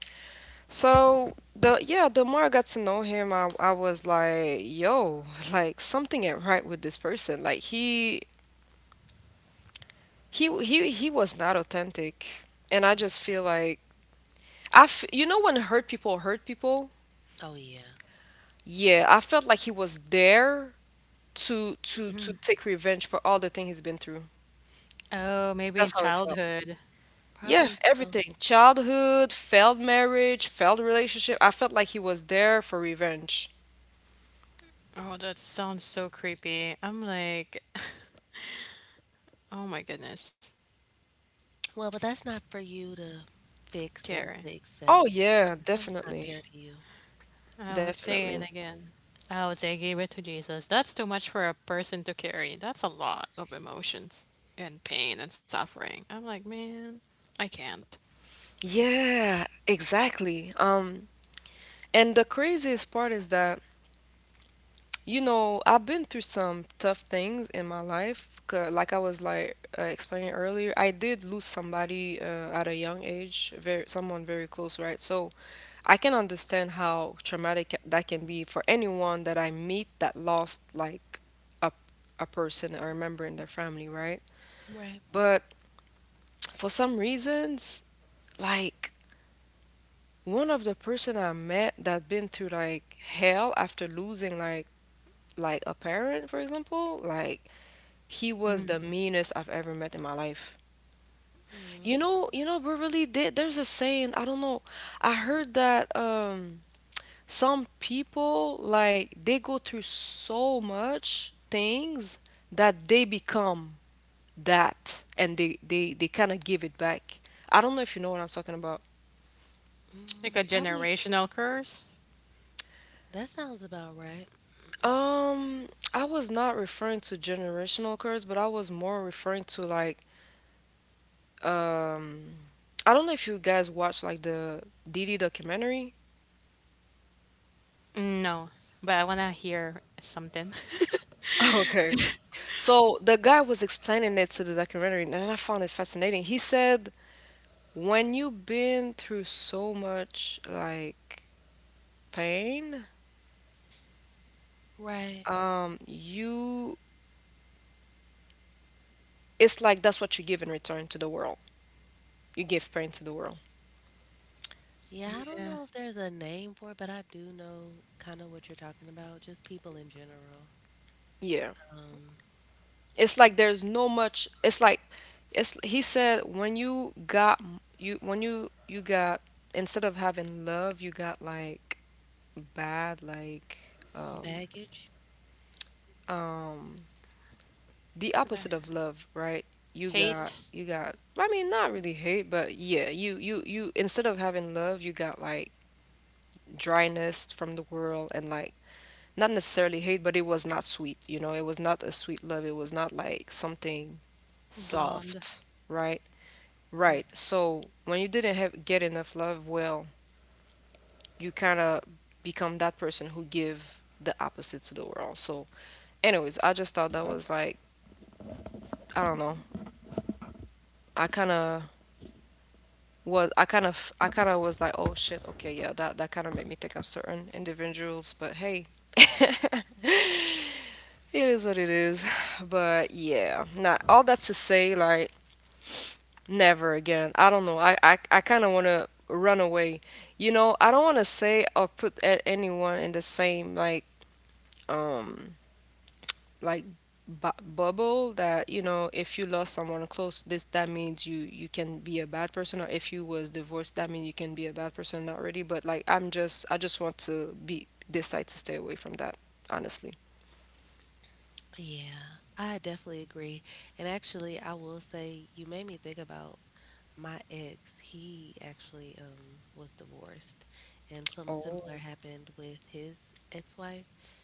S1: So the, yeah, the more I got to know him, I was like, "Yo," like something ain't right with this person. Like he was not authentic, and I just feel like, I f you know when hurt people hurt people?
S2: Oh yeah,
S1: Yeah, I felt like he was there to take revenge for all the thing he's been through.
S3: Oh, maybe in
S1: That's how it felt.
S3: childhood.
S1: Yeah,
S2: probably so.
S1: everything. Childhood, failed marriage, failed relationship. I felt like he was there for revenge.
S3: Oh, that sounds so creepy. I'm like, oh my goodness,
S2: Well, but that's not for you to fix and
S3: Karen.
S2: to
S1: Oh
S2: accept.
S1: yeah,
S2: That was not fair
S1: definitely.
S2: to you,
S3: I would say
S1: Definitely.
S3: it again. I would say give it to Jesus. That's too much for a person to carry. That's a lot of emotions and pain and suffering. I'm like, man, I can't.
S1: Yeah, exactly. And the craziest part is that I've been through some tough things in my life. Like I was like, explaining earlier, I did lose somebody, at a young age, very, someone very close, right? So I can understand how traumatic that can be for anyone that I meet that lost like a a person or a member in their family, right?
S2: right?
S1: But for some reasons, like, one of the person I met that been through like hell after losing like, a parent, for example, like, he was the meanest I've ever met in my life.
S2: Mm,
S1: But really, there's a saying. I don't know. I heard that some people, like, they go through so much things that they become that, and they kind of give it back. I don't know if you know what I'm talking about.
S3: Like a
S2: probably
S3: generational curse?
S2: that sounds about right.
S1: Um, I was not referring to generational curse, but I was more referring to, like, um I don't know if you guys watch, like, the Didi documentary.
S3: No, but I want to hear something.
S1: Okay. So the guy was explaining it to the documentary, and I found it fascinating. He said, when you've been through so much, like, pain,
S2: Right.
S1: you, it's like that's what you give in return to the world. You give pain to the world.
S2: Yeah, I don't know
S3: Yeah.
S2: if there's a name for it, but I do know kind of what you're talking about, just people in general.
S1: Yeah.
S2: Um,
S1: It's like there's no much. It's like it's He said, when you got, you when you got, instead of having love, you got like bad, like, um
S2: baggage.
S1: um, the
S3: The
S1: opposite of love, right? You got
S3: Hate
S1: you got I mean, not really hate, but yeah, you, instead of having love, you got like dryness from the world, and like, not necessarily hate, but it was not sweet, you know? It was not a sweet love. It was not like something
S3: blonde.
S1: soft, right?
S2: Hmm,
S1: Right. So when you didn't have get enough love, well, you kind of become that person who give the opposite to the world. So anyways, I just thought that was like, I don't know. I kind of I kind of was like, "Oh shit, okay, yeah, that kind of made me think of certain individuals," but hey, it is what it is. But yeah, now all that to say, like, never again. I don't know. I kind of want to run away. You know, I don't want to say or put anyone in the same like, um like, bu bubble that, you know, if you lost someone close, this that means you can be a bad person, or if you was divorced that means you can be a bad person already. But like, I just want to be, decide to stay away from that, honestly.
S2: yeah, I definitely agree. And actually, I will say you made me think about my ex. He actually was divorced, and something similar
S1: Oh.
S2: happened with his ex-wife.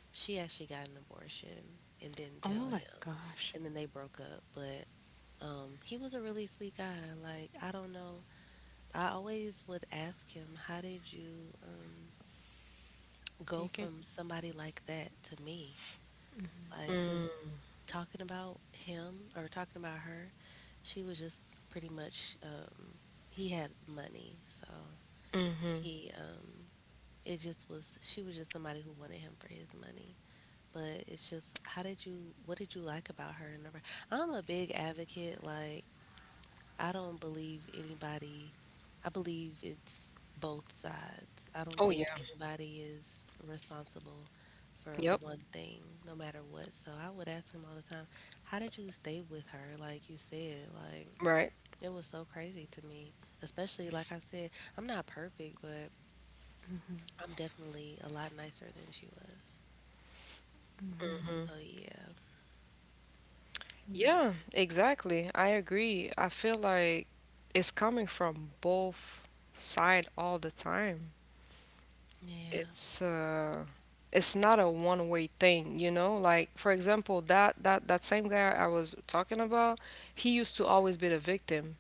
S2: She actually got an abortion and didn't
S3: Oh
S2: tell
S3: my
S2: him,
S3: gosh.
S2: and then they broke up. But he was a really sweet guy. Like, I don't know I always would ask him, how did you go
S3: Take it.
S2: from somebody like that to me? Like, because
S1: Mm,
S2: talking about him or talking about her, she was just pretty much, he had money. So
S1: mm-hmm.
S2: he, um, it just was, she was just somebody who wanted him for his money. But it's just, how did you, what did you like about her? And I'm a big advocate, like, I don't believe anybody, I believe it's both sides. I don't
S1: Oh
S2: think
S1: yeah.
S2: anybody is responsible for
S1: Yep.
S2: one thing, no matter what. So I would ask him all the time, how did you stay with her? Like you said, like
S1: Right.
S2: it was so crazy to me. Especially, like I said, I'm not perfect, but I'm definitely a lot nicer than she was.
S1: Mm
S2: So
S1: hmm.
S2: yeah,
S3: Yeah.
S1: Yeah, exactly, I agree. I feel like it's coming from both side all the time.
S2: yeah.
S1: it's uh it's not a one-way thing, you know? Like, for example, that same guy I was talking about, he used to always be the victim.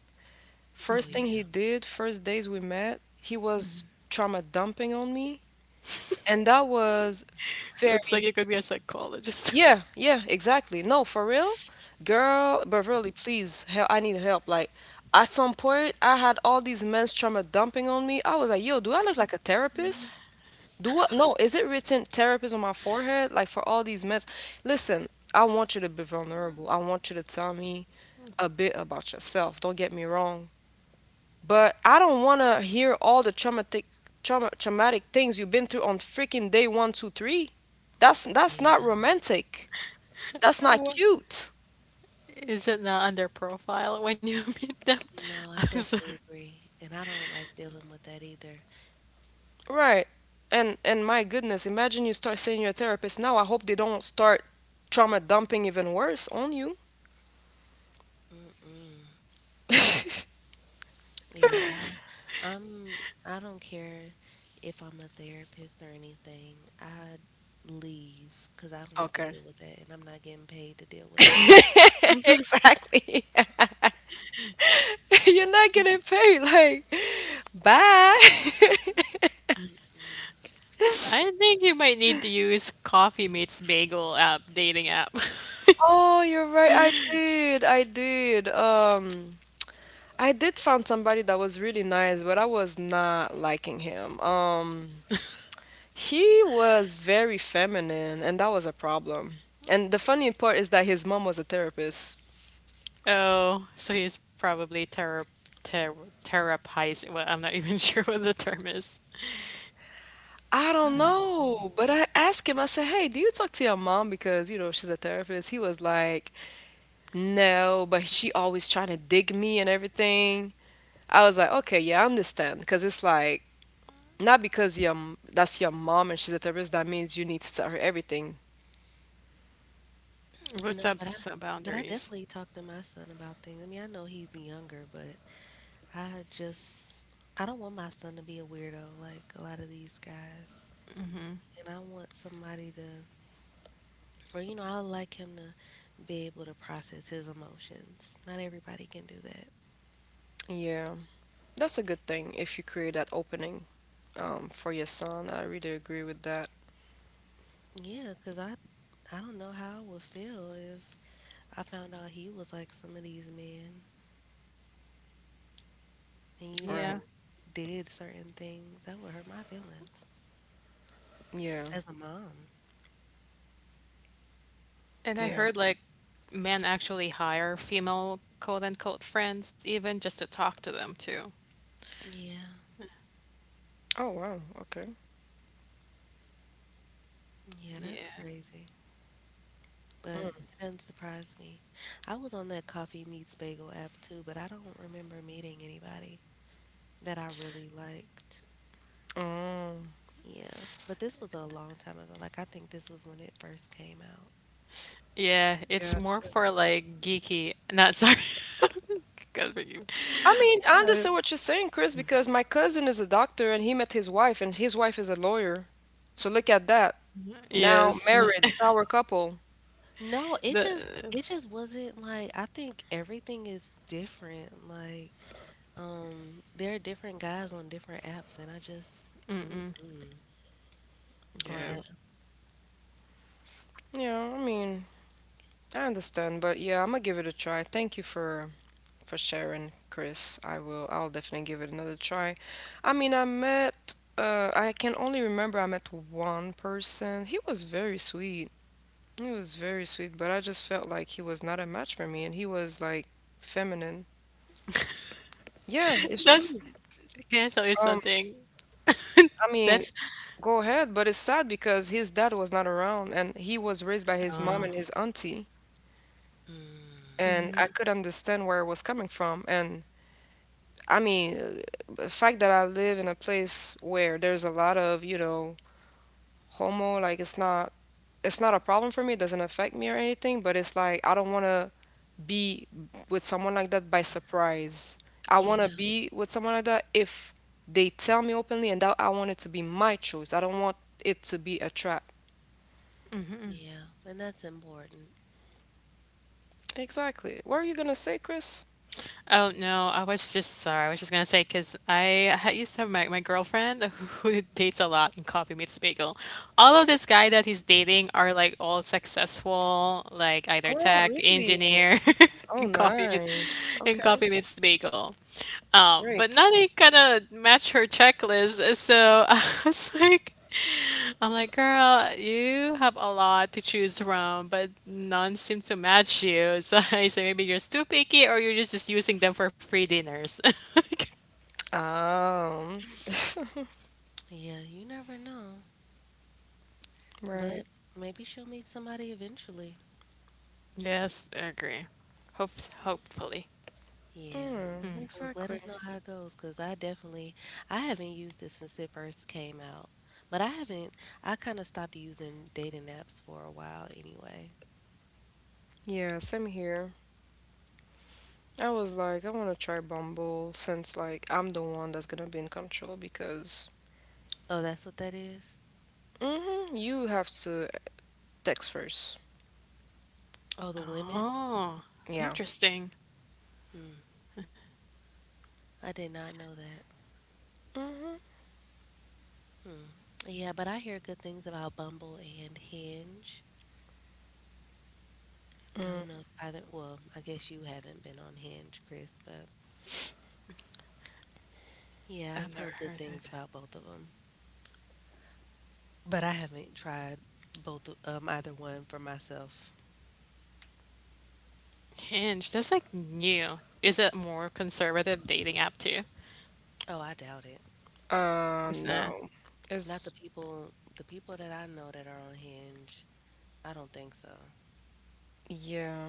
S2: Oh
S1: First thing
S2: yeah.
S1: he did, first days we met, he was trauma dumping on me, and that was
S3: Looks
S1: very.
S3: like you could be a psychologist.
S1: Yeah, yeah, exactly. No, for real? Girl, Beverly, please, help, I need help. Like, at some point, I had all these men's trauma dumping on me. I was like, "Yo, do I look like a therapist? Do I, no, is it written therapist on my forehead?" Like, for all these meds. Listen, I want you to be vulnerable. I want you to tell me a bit about yourself. Don't get me wrong, but I don't want to hear all the traumatic, traumatic things you've been through on freaking day one, two, three. That's
S2: Yeah,
S1: not romantic. That's
S3: I
S1: not
S3: wa-
S1: cute.
S3: Is it not under profile when you meet them?
S2: no,
S3: I'm
S2: I
S3: sorry.
S2: definitely agree. And I don't like dealing with that either.
S1: Right. And my goodness, imagine you start seeing your therapist now. I hope they don't start trauma dumping even worse on you.
S2: Mm-mm. Yeah, I, I'm. I don't care if I'm a therapist or anything. I leave because I don't have to
S1: Okay.
S2: deal with that, and I'm not getting paid to deal with that.
S1: Exactly. You're not gonna pay, like, bye.
S2: Mm-mm.
S3: I think you might need to use Coffee Meets Bagel app dating app.
S1: Oh, you're right. I did. I did. I did find somebody that was really nice, but I was not liking him. He was very feminine, and that was a problem. And the funny part is that his mom was a therapist.
S3: Oh, so he's probably ter terrapizing. Well, I'm not even sure what the term is.
S1: I don't
S2: Probably.
S1: know, but I asked him, I said, "Hey, do you talk to your mom? Because, you know, she's a therapist." He was like, "No, but she always trying to dig me and everything." I was like, "Okay, yeah, I understand." Because it's like, not because your, that's your mom and she's a therapist, that means you need to tell her everything.
S3: What's
S2: No, but
S3: up
S2: I,
S3: some
S2: but I
S3: boundaries?
S2: definitely talk to my son about things. I mean, I know he's younger, but I just, I don't want my son to be a weirdo like a lot of these guys. And I want somebody to, or you know, I like him to be able to process his emotions. Not everybody can do that.
S1: Yeah, that's a good thing if you create that opening, for your son. I really agree with that.
S2: Yeah, 'cause I don't know how I would feel if I found out he was like some of these men and you
S1: Right.
S2: know
S3: Yeah.
S2: did certain things that would hurt my feelings
S1: Yeah.
S2: as a mom.
S3: And I
S1: Yeah.
S2: 'Cause
S3: heard like men actually hire female quote unquote friends even just to talk to them too.
S2: yeah,
S1: Oh, wow. Okay.
S2: yeah, that's
S3: Yeah.
S2: crazy. But
S1: Mm.
S2: it doesn't surprise me. I was on that Coffee Meets Bagel app too, but I don't remember meeting anybody that I really liked.
S1: Oh,
S2: Yeah, but this was a long time ago. Like I think this was when it first came out.
S3: Yeah, it's more
S1: gotcha.
S3: for like geeky. Not sorry. God forgive me.
S1: I mean, I understand what you're saying, Chris, because my cousin is a doctor and he met his wife, and his wife is a lawyer. So look at that. Now
S3: Yes.
S1: married, power couple.
S2: No, it just
S3: The,
S2: it just wasn't like I think everything is different. Like, there are different guys on different apps, and I just, mm-mm,
S3: yeah.
S1: Right.
S2: yeah,
S1: Yeah, I mean, I understand, but yeah, I'm gonna give it a try. Thank you for sharing, Chris. I will. I'll definitely give it another try. I mean, I met. I can only remember I met one person. He was very sweet. He was very sweet, but I just felt like he was not a match for me, and he was like feminine. Yeah, it's
S3: That's
S1: true.
S3: Can I tell you
S1: Um,
S3: something?
S1: I mean,
S3: That's
S1: Go ahead, but it's sad because his dad was not around, and he was raised by his mom and his auntie,
S2: mm,
S1: and I could understand where it was coming from. And the fact that I live in a place where there's a lot of, homo, like it's not a problem for me, it doesn't affect me or anything, but it's like I don't want to be with someone like that by surprise. I want to
S2: yeah,
S1: be with someone like that if they tell me openly, and that I want it to be my choice. I don't want it to be a trap.
S2: yeah, and that's important.
S1: Exactly. What are you going to say, Chris?
S3: oh no, I was just sorry. I was just gonna say because I ha used to have my girlfriend who dates a lot in Coffee Meets Bagel. All of this guy that he's dating are like all successful, like either
S1: Oh,
S3: tech
S1: really?
S3: engineer
S1: Oh,
S3: in Coffee Meets
S1: nice. Okay,
S3: in Coffee Meets Bagel. But
S1: great.
S3: nothing kind of match her checklist. So I was like. I'm like, girl, you have a lot to choose from, but none seem to match you. So I say maybe you're just too picky, or you're just using them for free dinners.
S1: Um,
S2: Yeah, you never know,
S1: right.
S2: but maybe she'll meet somebody eventually.
S3: Yes, I agree. Hope hopefully.
S2: Yeah.
S1: Mm,
S2: Look, let
S1: exactly.
S2: us know how it goes, cause I definitely I haven't used it since it first came out, but I haven't. I kind of stopped using dating apps for a while anyway.
S1: Yeah, same here. I was like, I want to try Bumble since like I'm the one that's gonna be in control because
S2: Oh, that's what that is?
S1: mm-hmm, you have to text first.
S2: Oh, the women?
S3: Oh,
S1: Yeah.
S3: interesting.
S2: Hmm. I did not know that.
S1: Mm-hmm.
S2: Hmm. Yeah, but I hear good things about Bumble and Hinge. I
S1: Mm.
S2: don't know if either, well, I guess you haven't been on Hinge, Chris, but yeah,
S3: I've
S2: I've
S3: never
S2: heard good
S3: heard of
S2: things
S3: it.
S2: about both of them. But I haven't tried either one for myself.
S3: Hinge. That's like new. Is it more conservative dating app too?
S2: Oh, I doubt it.
S3: It's not.
S1: No.
S2: Not
S1: It's
S2: the people, the people that I know that are on Hinge. I don't think so.
S1: yeah.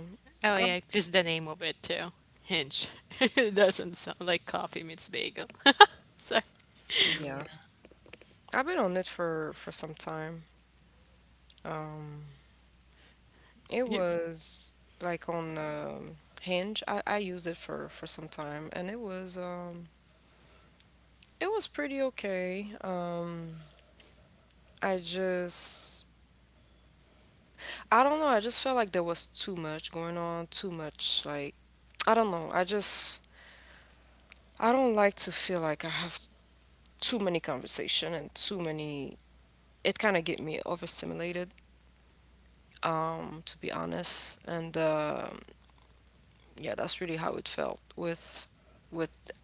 S3: Oh
S1: I,
S3: yeah, just the name of it too. Hinge. It doesn't sound like Coffee Meets Bagel.
S1: yeah.
S2: Yeah.
S1: I've been on it for some time. Um, it
S3: You-
S1: was like on Hinge. I used it for some time, and it was pretty okay. I just, I don't know. I just felt like there was too much going on, too much. Like, I don't know. I don't like to feel like I have too many conversation and too many. It kind of get me overstimulated, to be honest. And Yeah, that's really how it felt with with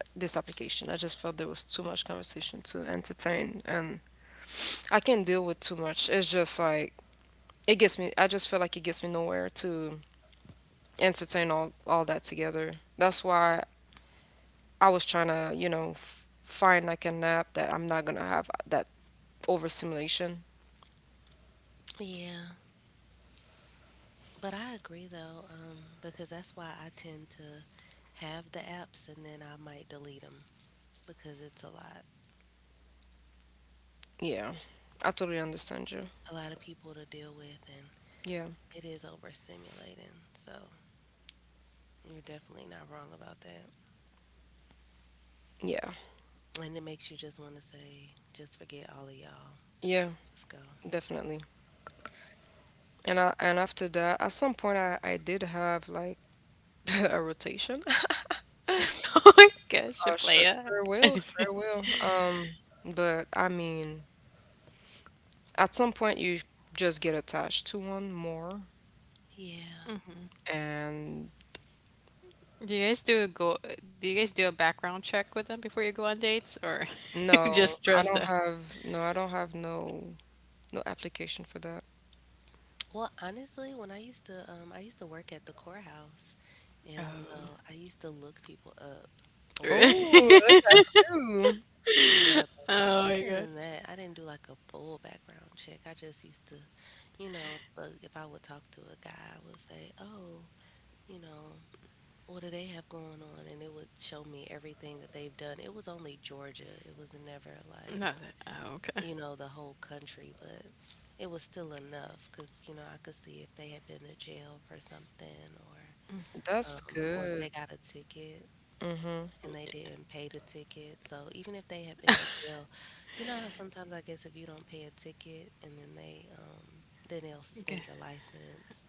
S1: this application. I just felt there was too much conversation to entertain, and I can't deal with too much. It's just like it gets me. I just feel like it gets me nowhere to entertain all that together. That's why I was trying to, you know, find like a nap that I'm not gonna have that overstimulation.
S2: Yeah. But I agree though, because that's why I tend to have the apps and then I might delete them because it's
S1: Yeah, I totally understand you.
S2: a lot of people to deal with and
S1: Yeah,
S2: it is overstimulating. So you're definitely not wrong about that.
S1: yeah,
S2: And it makes you just want to say, just forget all of y'all,
S1: yeah,
S2: just go.
S1: definitely. And I, and after that, at some point, I did have like a rotation. Oh,
S3: Oh my gosh, you
S1: sure, sure will, sure will. But I mean, at some point you just get attached to one more,
S2: Yeah.
S1: and
S3: Do you guys do a go do you guys do a background check with them before you go on dates, or you
S1: no,
S3: just trust them?
S1: I don't have no no application for that.
S2: Well, honestly, when I used to work at the courthouse, and so I used to look people up or
S1: Oh, look at you.
S2: Yeah, but
S3: Oh my
S2: other than
S3: god.
S2: that, I didn't do like a full background check. I just used to, you know, if I would talk to a guy, I would say, "Oh, you know, what do they have going on?" And it would show me everything that they've done. It was only Georgia. It was never like,
S3: No. Oh, okay.
S2: you know, the whole country, but it was still enough because, you know, I could see if they had been to jail for something
S1: That's
S2: or if
S1: good.
S2: they got a ticket
S1: Mm-hmm.
S2: and they didn't pay the ticket. So even if they had been to jail, you know how sometimes I guess if you don't pay a ticket and then they then they'll suspend your
S3: Okay.
S2: license,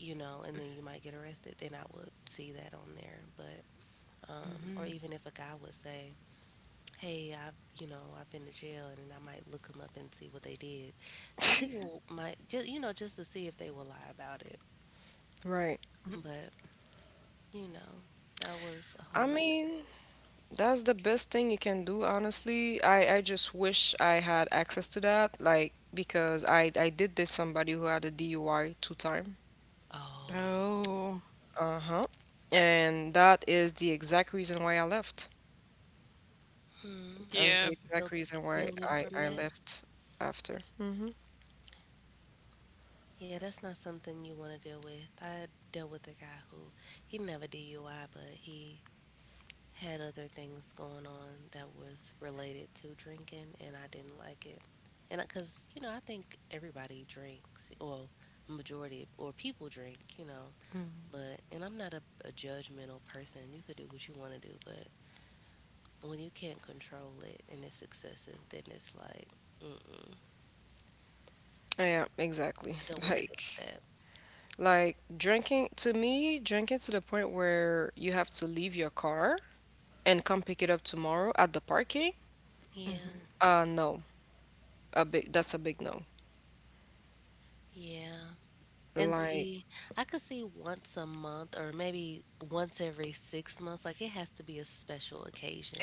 S2: you know, and then you might get arrested, then I would see that on there. But or even if a guy would say, "Hey, I've you know, I've been to jail," and then I might look them up and see what they did. Some people might just you know, just to see if they will lie about it.
S1: Right.
S2: But, you know, that was a whole
S1: I
S2: nother.
S1: mean, that's the best thing you can do, honestly. I just wish I had access to that, like because I did date somebody who had a DUI two time.
S2: Oh.
S3: Oh.
S1: Uh-huh. And that is the exact reason why I left.
S2: Hmm.
S1: That's the
S3: Yep.
S1: exact
S2: Still
S1: reason why
S2: healing
S1: I
S2: from
S1: I
S2: that.
S1: left after. Mm-hmm.
S2: Yeah, that's not something you want to deal with. I dealt with a guy who he never DUI, but he had other things going on that was related to drinking, and I didn't like it. And because, you know, I think everybody drinks, or majority, or people drink, you know, but, and I'm not a, a judgmental person. You could do what you want to do, but when you can't control it and it's excessive, then it's like, mm-mm,
S1: Yeah, exactly.
S2: I don't want to deal
S1: Like
S2: with that.
S1: Like drinking, to me, drinking to the point where you have to leave your car and come pick it up tomorrow at the parking,
S2: Yeah,
S1: no, that's a big no.
S2: yeah. And
S1: Like,
S2: see, I could see once a month or maybe once every 6 months. Like it has to be a special occasion,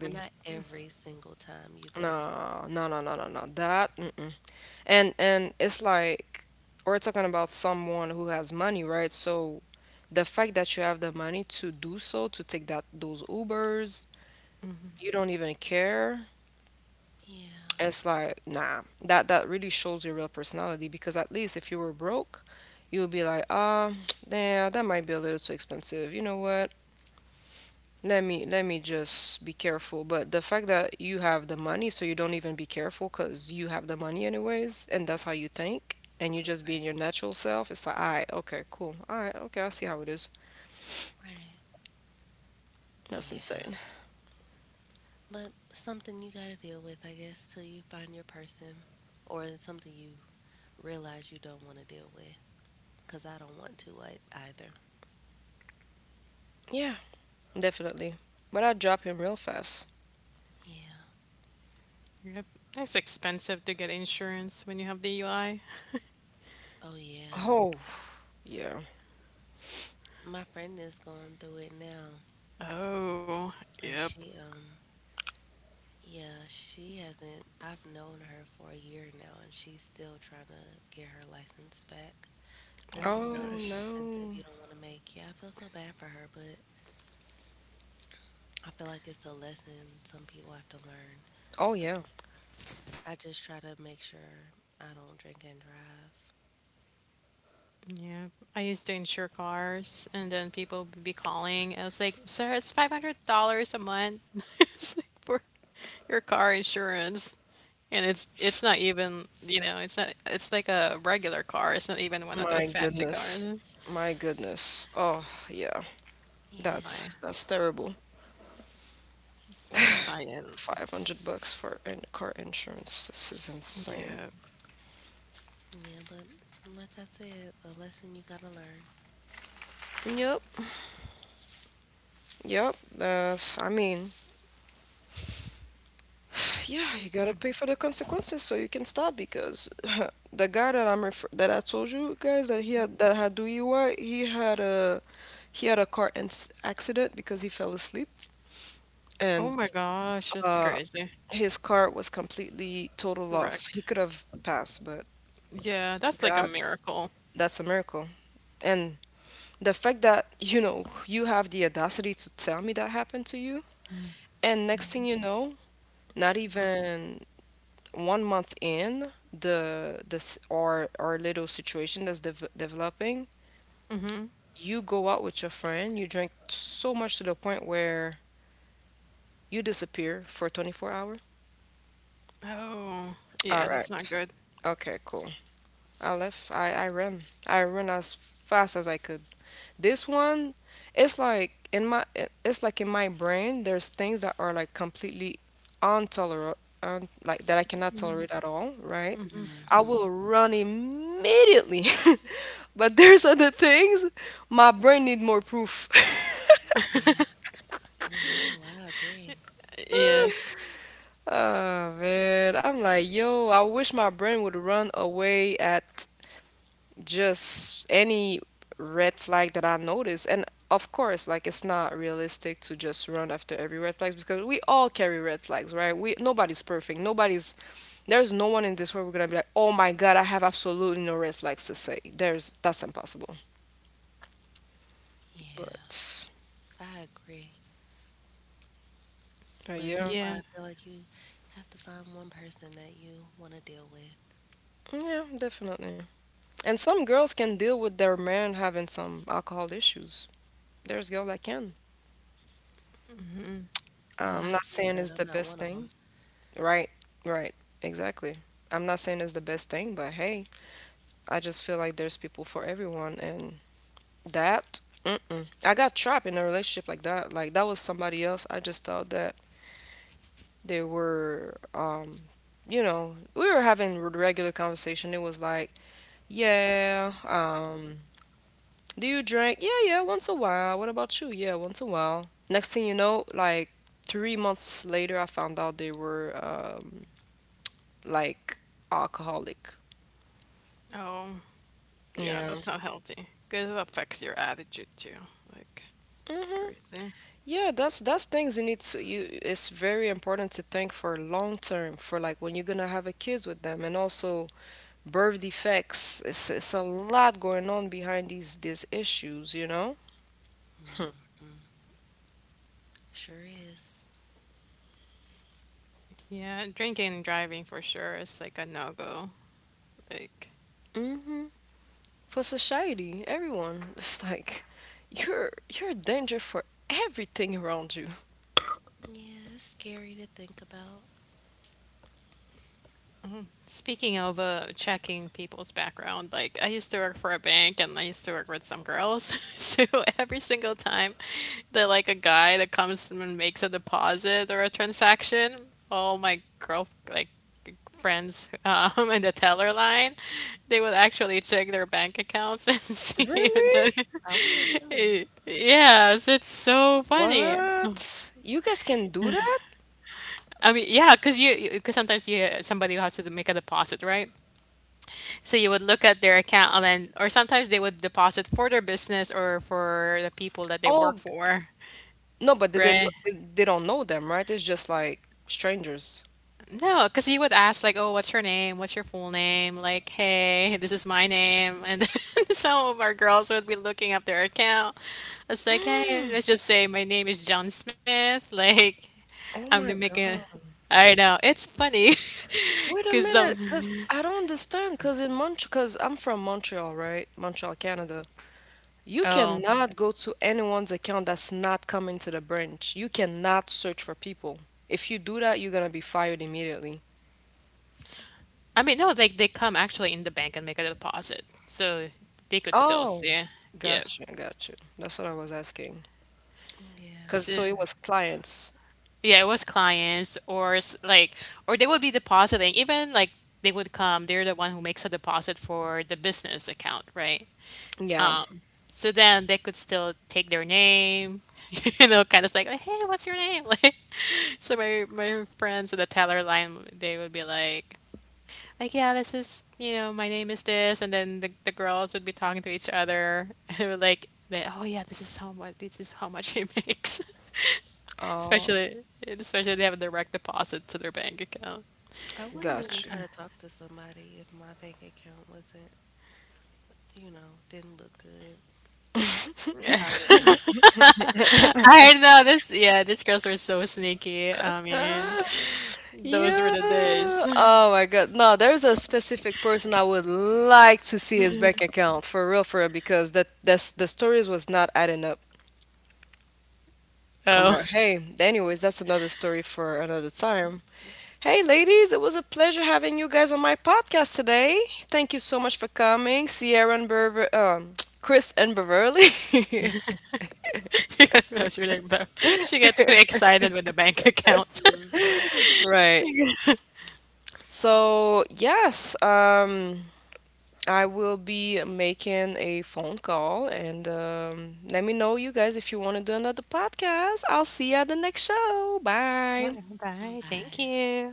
S2: but not every single time you go. S-
S1: No, no, no, no, no, no. That, mm-mm. And it's like we're talking about someone who has money, right? So the fact that you have the money to do so, to take that those Ubers, you don't even care.
S2: Yeah,
S1: It's like nah, that that really shows your real personality, because at least if you were broke you would be like ah yeah, that might be a little too expensive, you know what, let me just be careful. But the fact that you have the money, so you don't even be careful because you have the money anyways, and that's how you think, and you just being your natural self, it's like all right, okay, cool, all right, okay, I see how it is.
S2: right.
S1: That's
S2: Yeah.
S1: insane.
S2: But something you got to deal with, I guess, till you find your person or it's something you realize you don't want to deal with. Because I don't want to I, either.
S1: Yeah, definitely. But I drop him real fast.
S2: Yeah.
S3: Yep. That's expensive to get insurance when you have DUI.
S2: Oh, yeah.
S1: Oh yeah.
S2: My friend is going through it now.
S3: Oh,
S2: And
S3: yep.
S2: yeah, she hasn't. I've known her for a year now, and she's still trying to get her license back. That's one
S1: Oh no.
S3: Gosh.
S2: expensive you don't want to make. Yeah, I feel so bad for her, but I feel like it's a lesson some people have to learn.
S1: Oh
S2: So
S1: yeah.
S2: I just try to make sure I don't drink and drive.
S3: Yeah, I used to insure cars, and then people would be calling. I was like, "Sir, it's $500 a month." It's like for your car insurance, and it's not even, you know, it's not, it's like a regular car. It's not even one of
S1: My
S3: those fancy
S1: goodness.
S3: cars.
S1: My goodness. Oh, yeah.
S2: Yeah,
S3: I,
S1: That's terrible.
S3: I,
S1: $500 for in car insurance. This is insane.
S3: yeah.
S2: yeah, but like I said, a lesson you gotta learn.
S1: Yep. Yep. That's I mean, yeah, you got to pay for the consequences so you can stop, because the guy that that I told you guys that he had that had DUI, he had a car ins accident because he fell asleep. And
S3: Oh my gosh, that's
S1: uh,
S3: crazy.
S1: his car was completely total loss. He
S3: Wrecked.
S1: could have passed, but
S3: Yeah, that's like a
S1: God,
S3: miracle.
S1: that's a miracle. And the fact that, you know, you have the audacity to tell me that happened to you, and next thing you know, not even one month in the this our little situation that's developing, you go out with your friend, you drink so much to the point where you disappear for 24 hours.
S3: Oh,
S1: All
S3: yeah,
S1: right.
S3: that's not good.
S1: Okay, cool. I left. I ran. I ran as fast as I could. This one, it's like in my brain, there's things that are like completely intolerable, un, like that I cannot tolerate at all, right? I
S2: Mm-hmm.
S1: will run immediately. But there's other things my brain need more proof.
S2: Yeah. Oh no, I agree.
S3: Yes.
S1: Oh man, I'm like, yo, I wish my brain would run away at just any red flag that I notice. And of course, like it's not realistic to just run after every red flags, because we all carry red flags, right? We nobody's perfect. Nobody's There's no one in this world we're gonna be like, oh my god, I have absolutely no red flags to say. There's That's impossible.
S2: Yeah,
S1: But
S2: I agree.
S1: uh,
S2: But that's
S1: yeah,
S2: why
S3: Yeah.
S2: I feel like you have to find one person that you want to deal with.
S1: yeah, definitely. And some girls can deal with their man having some alcohol issues. There's girl that can.
S2: Oh,
S1: I'm
S2: I
S1: not
S2: agree,
S1: saying it's
S2: but
S1: the
S2: I'm not
S1: best
S2: one of
S1: thing.
S2: them.
S1: Right, right, exactly. I'm not saying it's the best thing, but hey, I just feel like there's people for everyone, and that, mm-mm. I got trapped in a relationship like that. Like that was somebody else. I just thought that they were, you know, we were having regular conversation. It was like, yeah, do you drink? Yeah, yeah, once a while. What about you? Yeah, once a while. Next thing you know, like 3 months later, I found out they were, like alcoholic.
S3: Oh. Yeah,
S1: Yeah.
S3: that's
S2: Yeah.
S3: not healthy. Because it affects your attitude too. Like, it's
S1: Hmm.
S3: crazy.
S1: Yeah, that's things you need to you it's very important to think for long term, for like when you're gonna have a kids with them, and also birth defects. It's a lot going on behind these issues, you know?
S2: Mm-mm. Sure is.
S3: Yeah, drinking and driving for sure is like a no-go. Like,
S1: Hmm. For society, everyone. It's like you're a danger for everything around you.
S2: Yeah, it's scary to think about.
S3: Speaking of checking people's background, like I used to work for a bank and I used to work with some girls. So every single time that like a guy that comes and makes a deposit or a transaction, all my girl like friends in the teller line, they would actually check their bank accounts and see if
S1: Really?
S3: the
S2: I would too.
S3: yes, it's so funny.
S1: What? You guys can do that?
S3: I mean, yeah, because you because sometimes you, somebody has to make a deposit, right? So you would look at their account, and then, or sometimes they would deposit for their business or for the people that they work
S1: Oh, g-
S3: for,
S1: no, but they didn't,
S3: right?
S1: they don't know them, right? It's just like strangers.
S3: No, because you would ask like, "Oh, what's your name? What's your full name?" Like, "Hey, this is my name," and then some of our girls would be looking up their account. It's like, "Hey, let's just say my name is John Smith." Like,
S1: Oh
S3: I'm
S1: my
S3: the making.
S1: God.
S3: I know it's funny
S1: Wait a
S3: because
S1: minute, cause I don't understand. Cause in Montreal, cause I'm from Montreal, right? Montreal, Canada. You
S3: Oh,
S1: cannot go to anyone's account that's not coming to the branch. You cannot search for people. If you do that, you're gonna be fired immediately.
S3: I mean, no, like they come actually in the bank and make a deposit, so they could still
S1: Oh,
S3: see. Yeah.
S1: gotcha, gotcha. That's what I was asking.
S2: Yeah.
S1: Cause so
S3: So,
S1: it was clients.
S3: yeah, it was clients, or like or they would be depositing even like they would come, they're the one who makes a deposit for the business account, right?
S1: Yeah.
S3: Um, so then they could still take their name, you know, kind of like, hey, what's your name? Like, so my friends at the teller line, they would be like yeah, this is, you know, my name is this, and then the girls would be talking to each other, and they were like, oh yeah, this is how much, this is how much he makes.
S1: Oh,
S3: Especially, especially they have a direct deposit to their bank account.
S2: I wouldn't even
S1: gotcha.
S2: try to talk to somebody if my bank account wasn't, you know, didn't look good. If I wasn't mad.
S3: I know this. Yeah, these girls were so sneaky. I mean, those were
S1: Yeah.
S3: the days.
S1: Oh my God. No, there's a specific person I would like to see his bank account for real, because that's the stories was not adding up. I'm
S3: Oh,
S1: like, hey, anyways, that's another story for another time. Hey, ladies, it was a pleasure having you guys on my podcast today. Thank you so much for coming, Sierra and Bever, Chris and Beverly.
S3: that's really. She got too excited with the bank account.
S2: Mm-hmm.
S1: Right. So, yes, I will be making a phone call, and let me know, you guys, if you want to do another podcast. I'll see you at the next show. Bye.
S3: Bye. Thank
S2: Bye.
S3: you.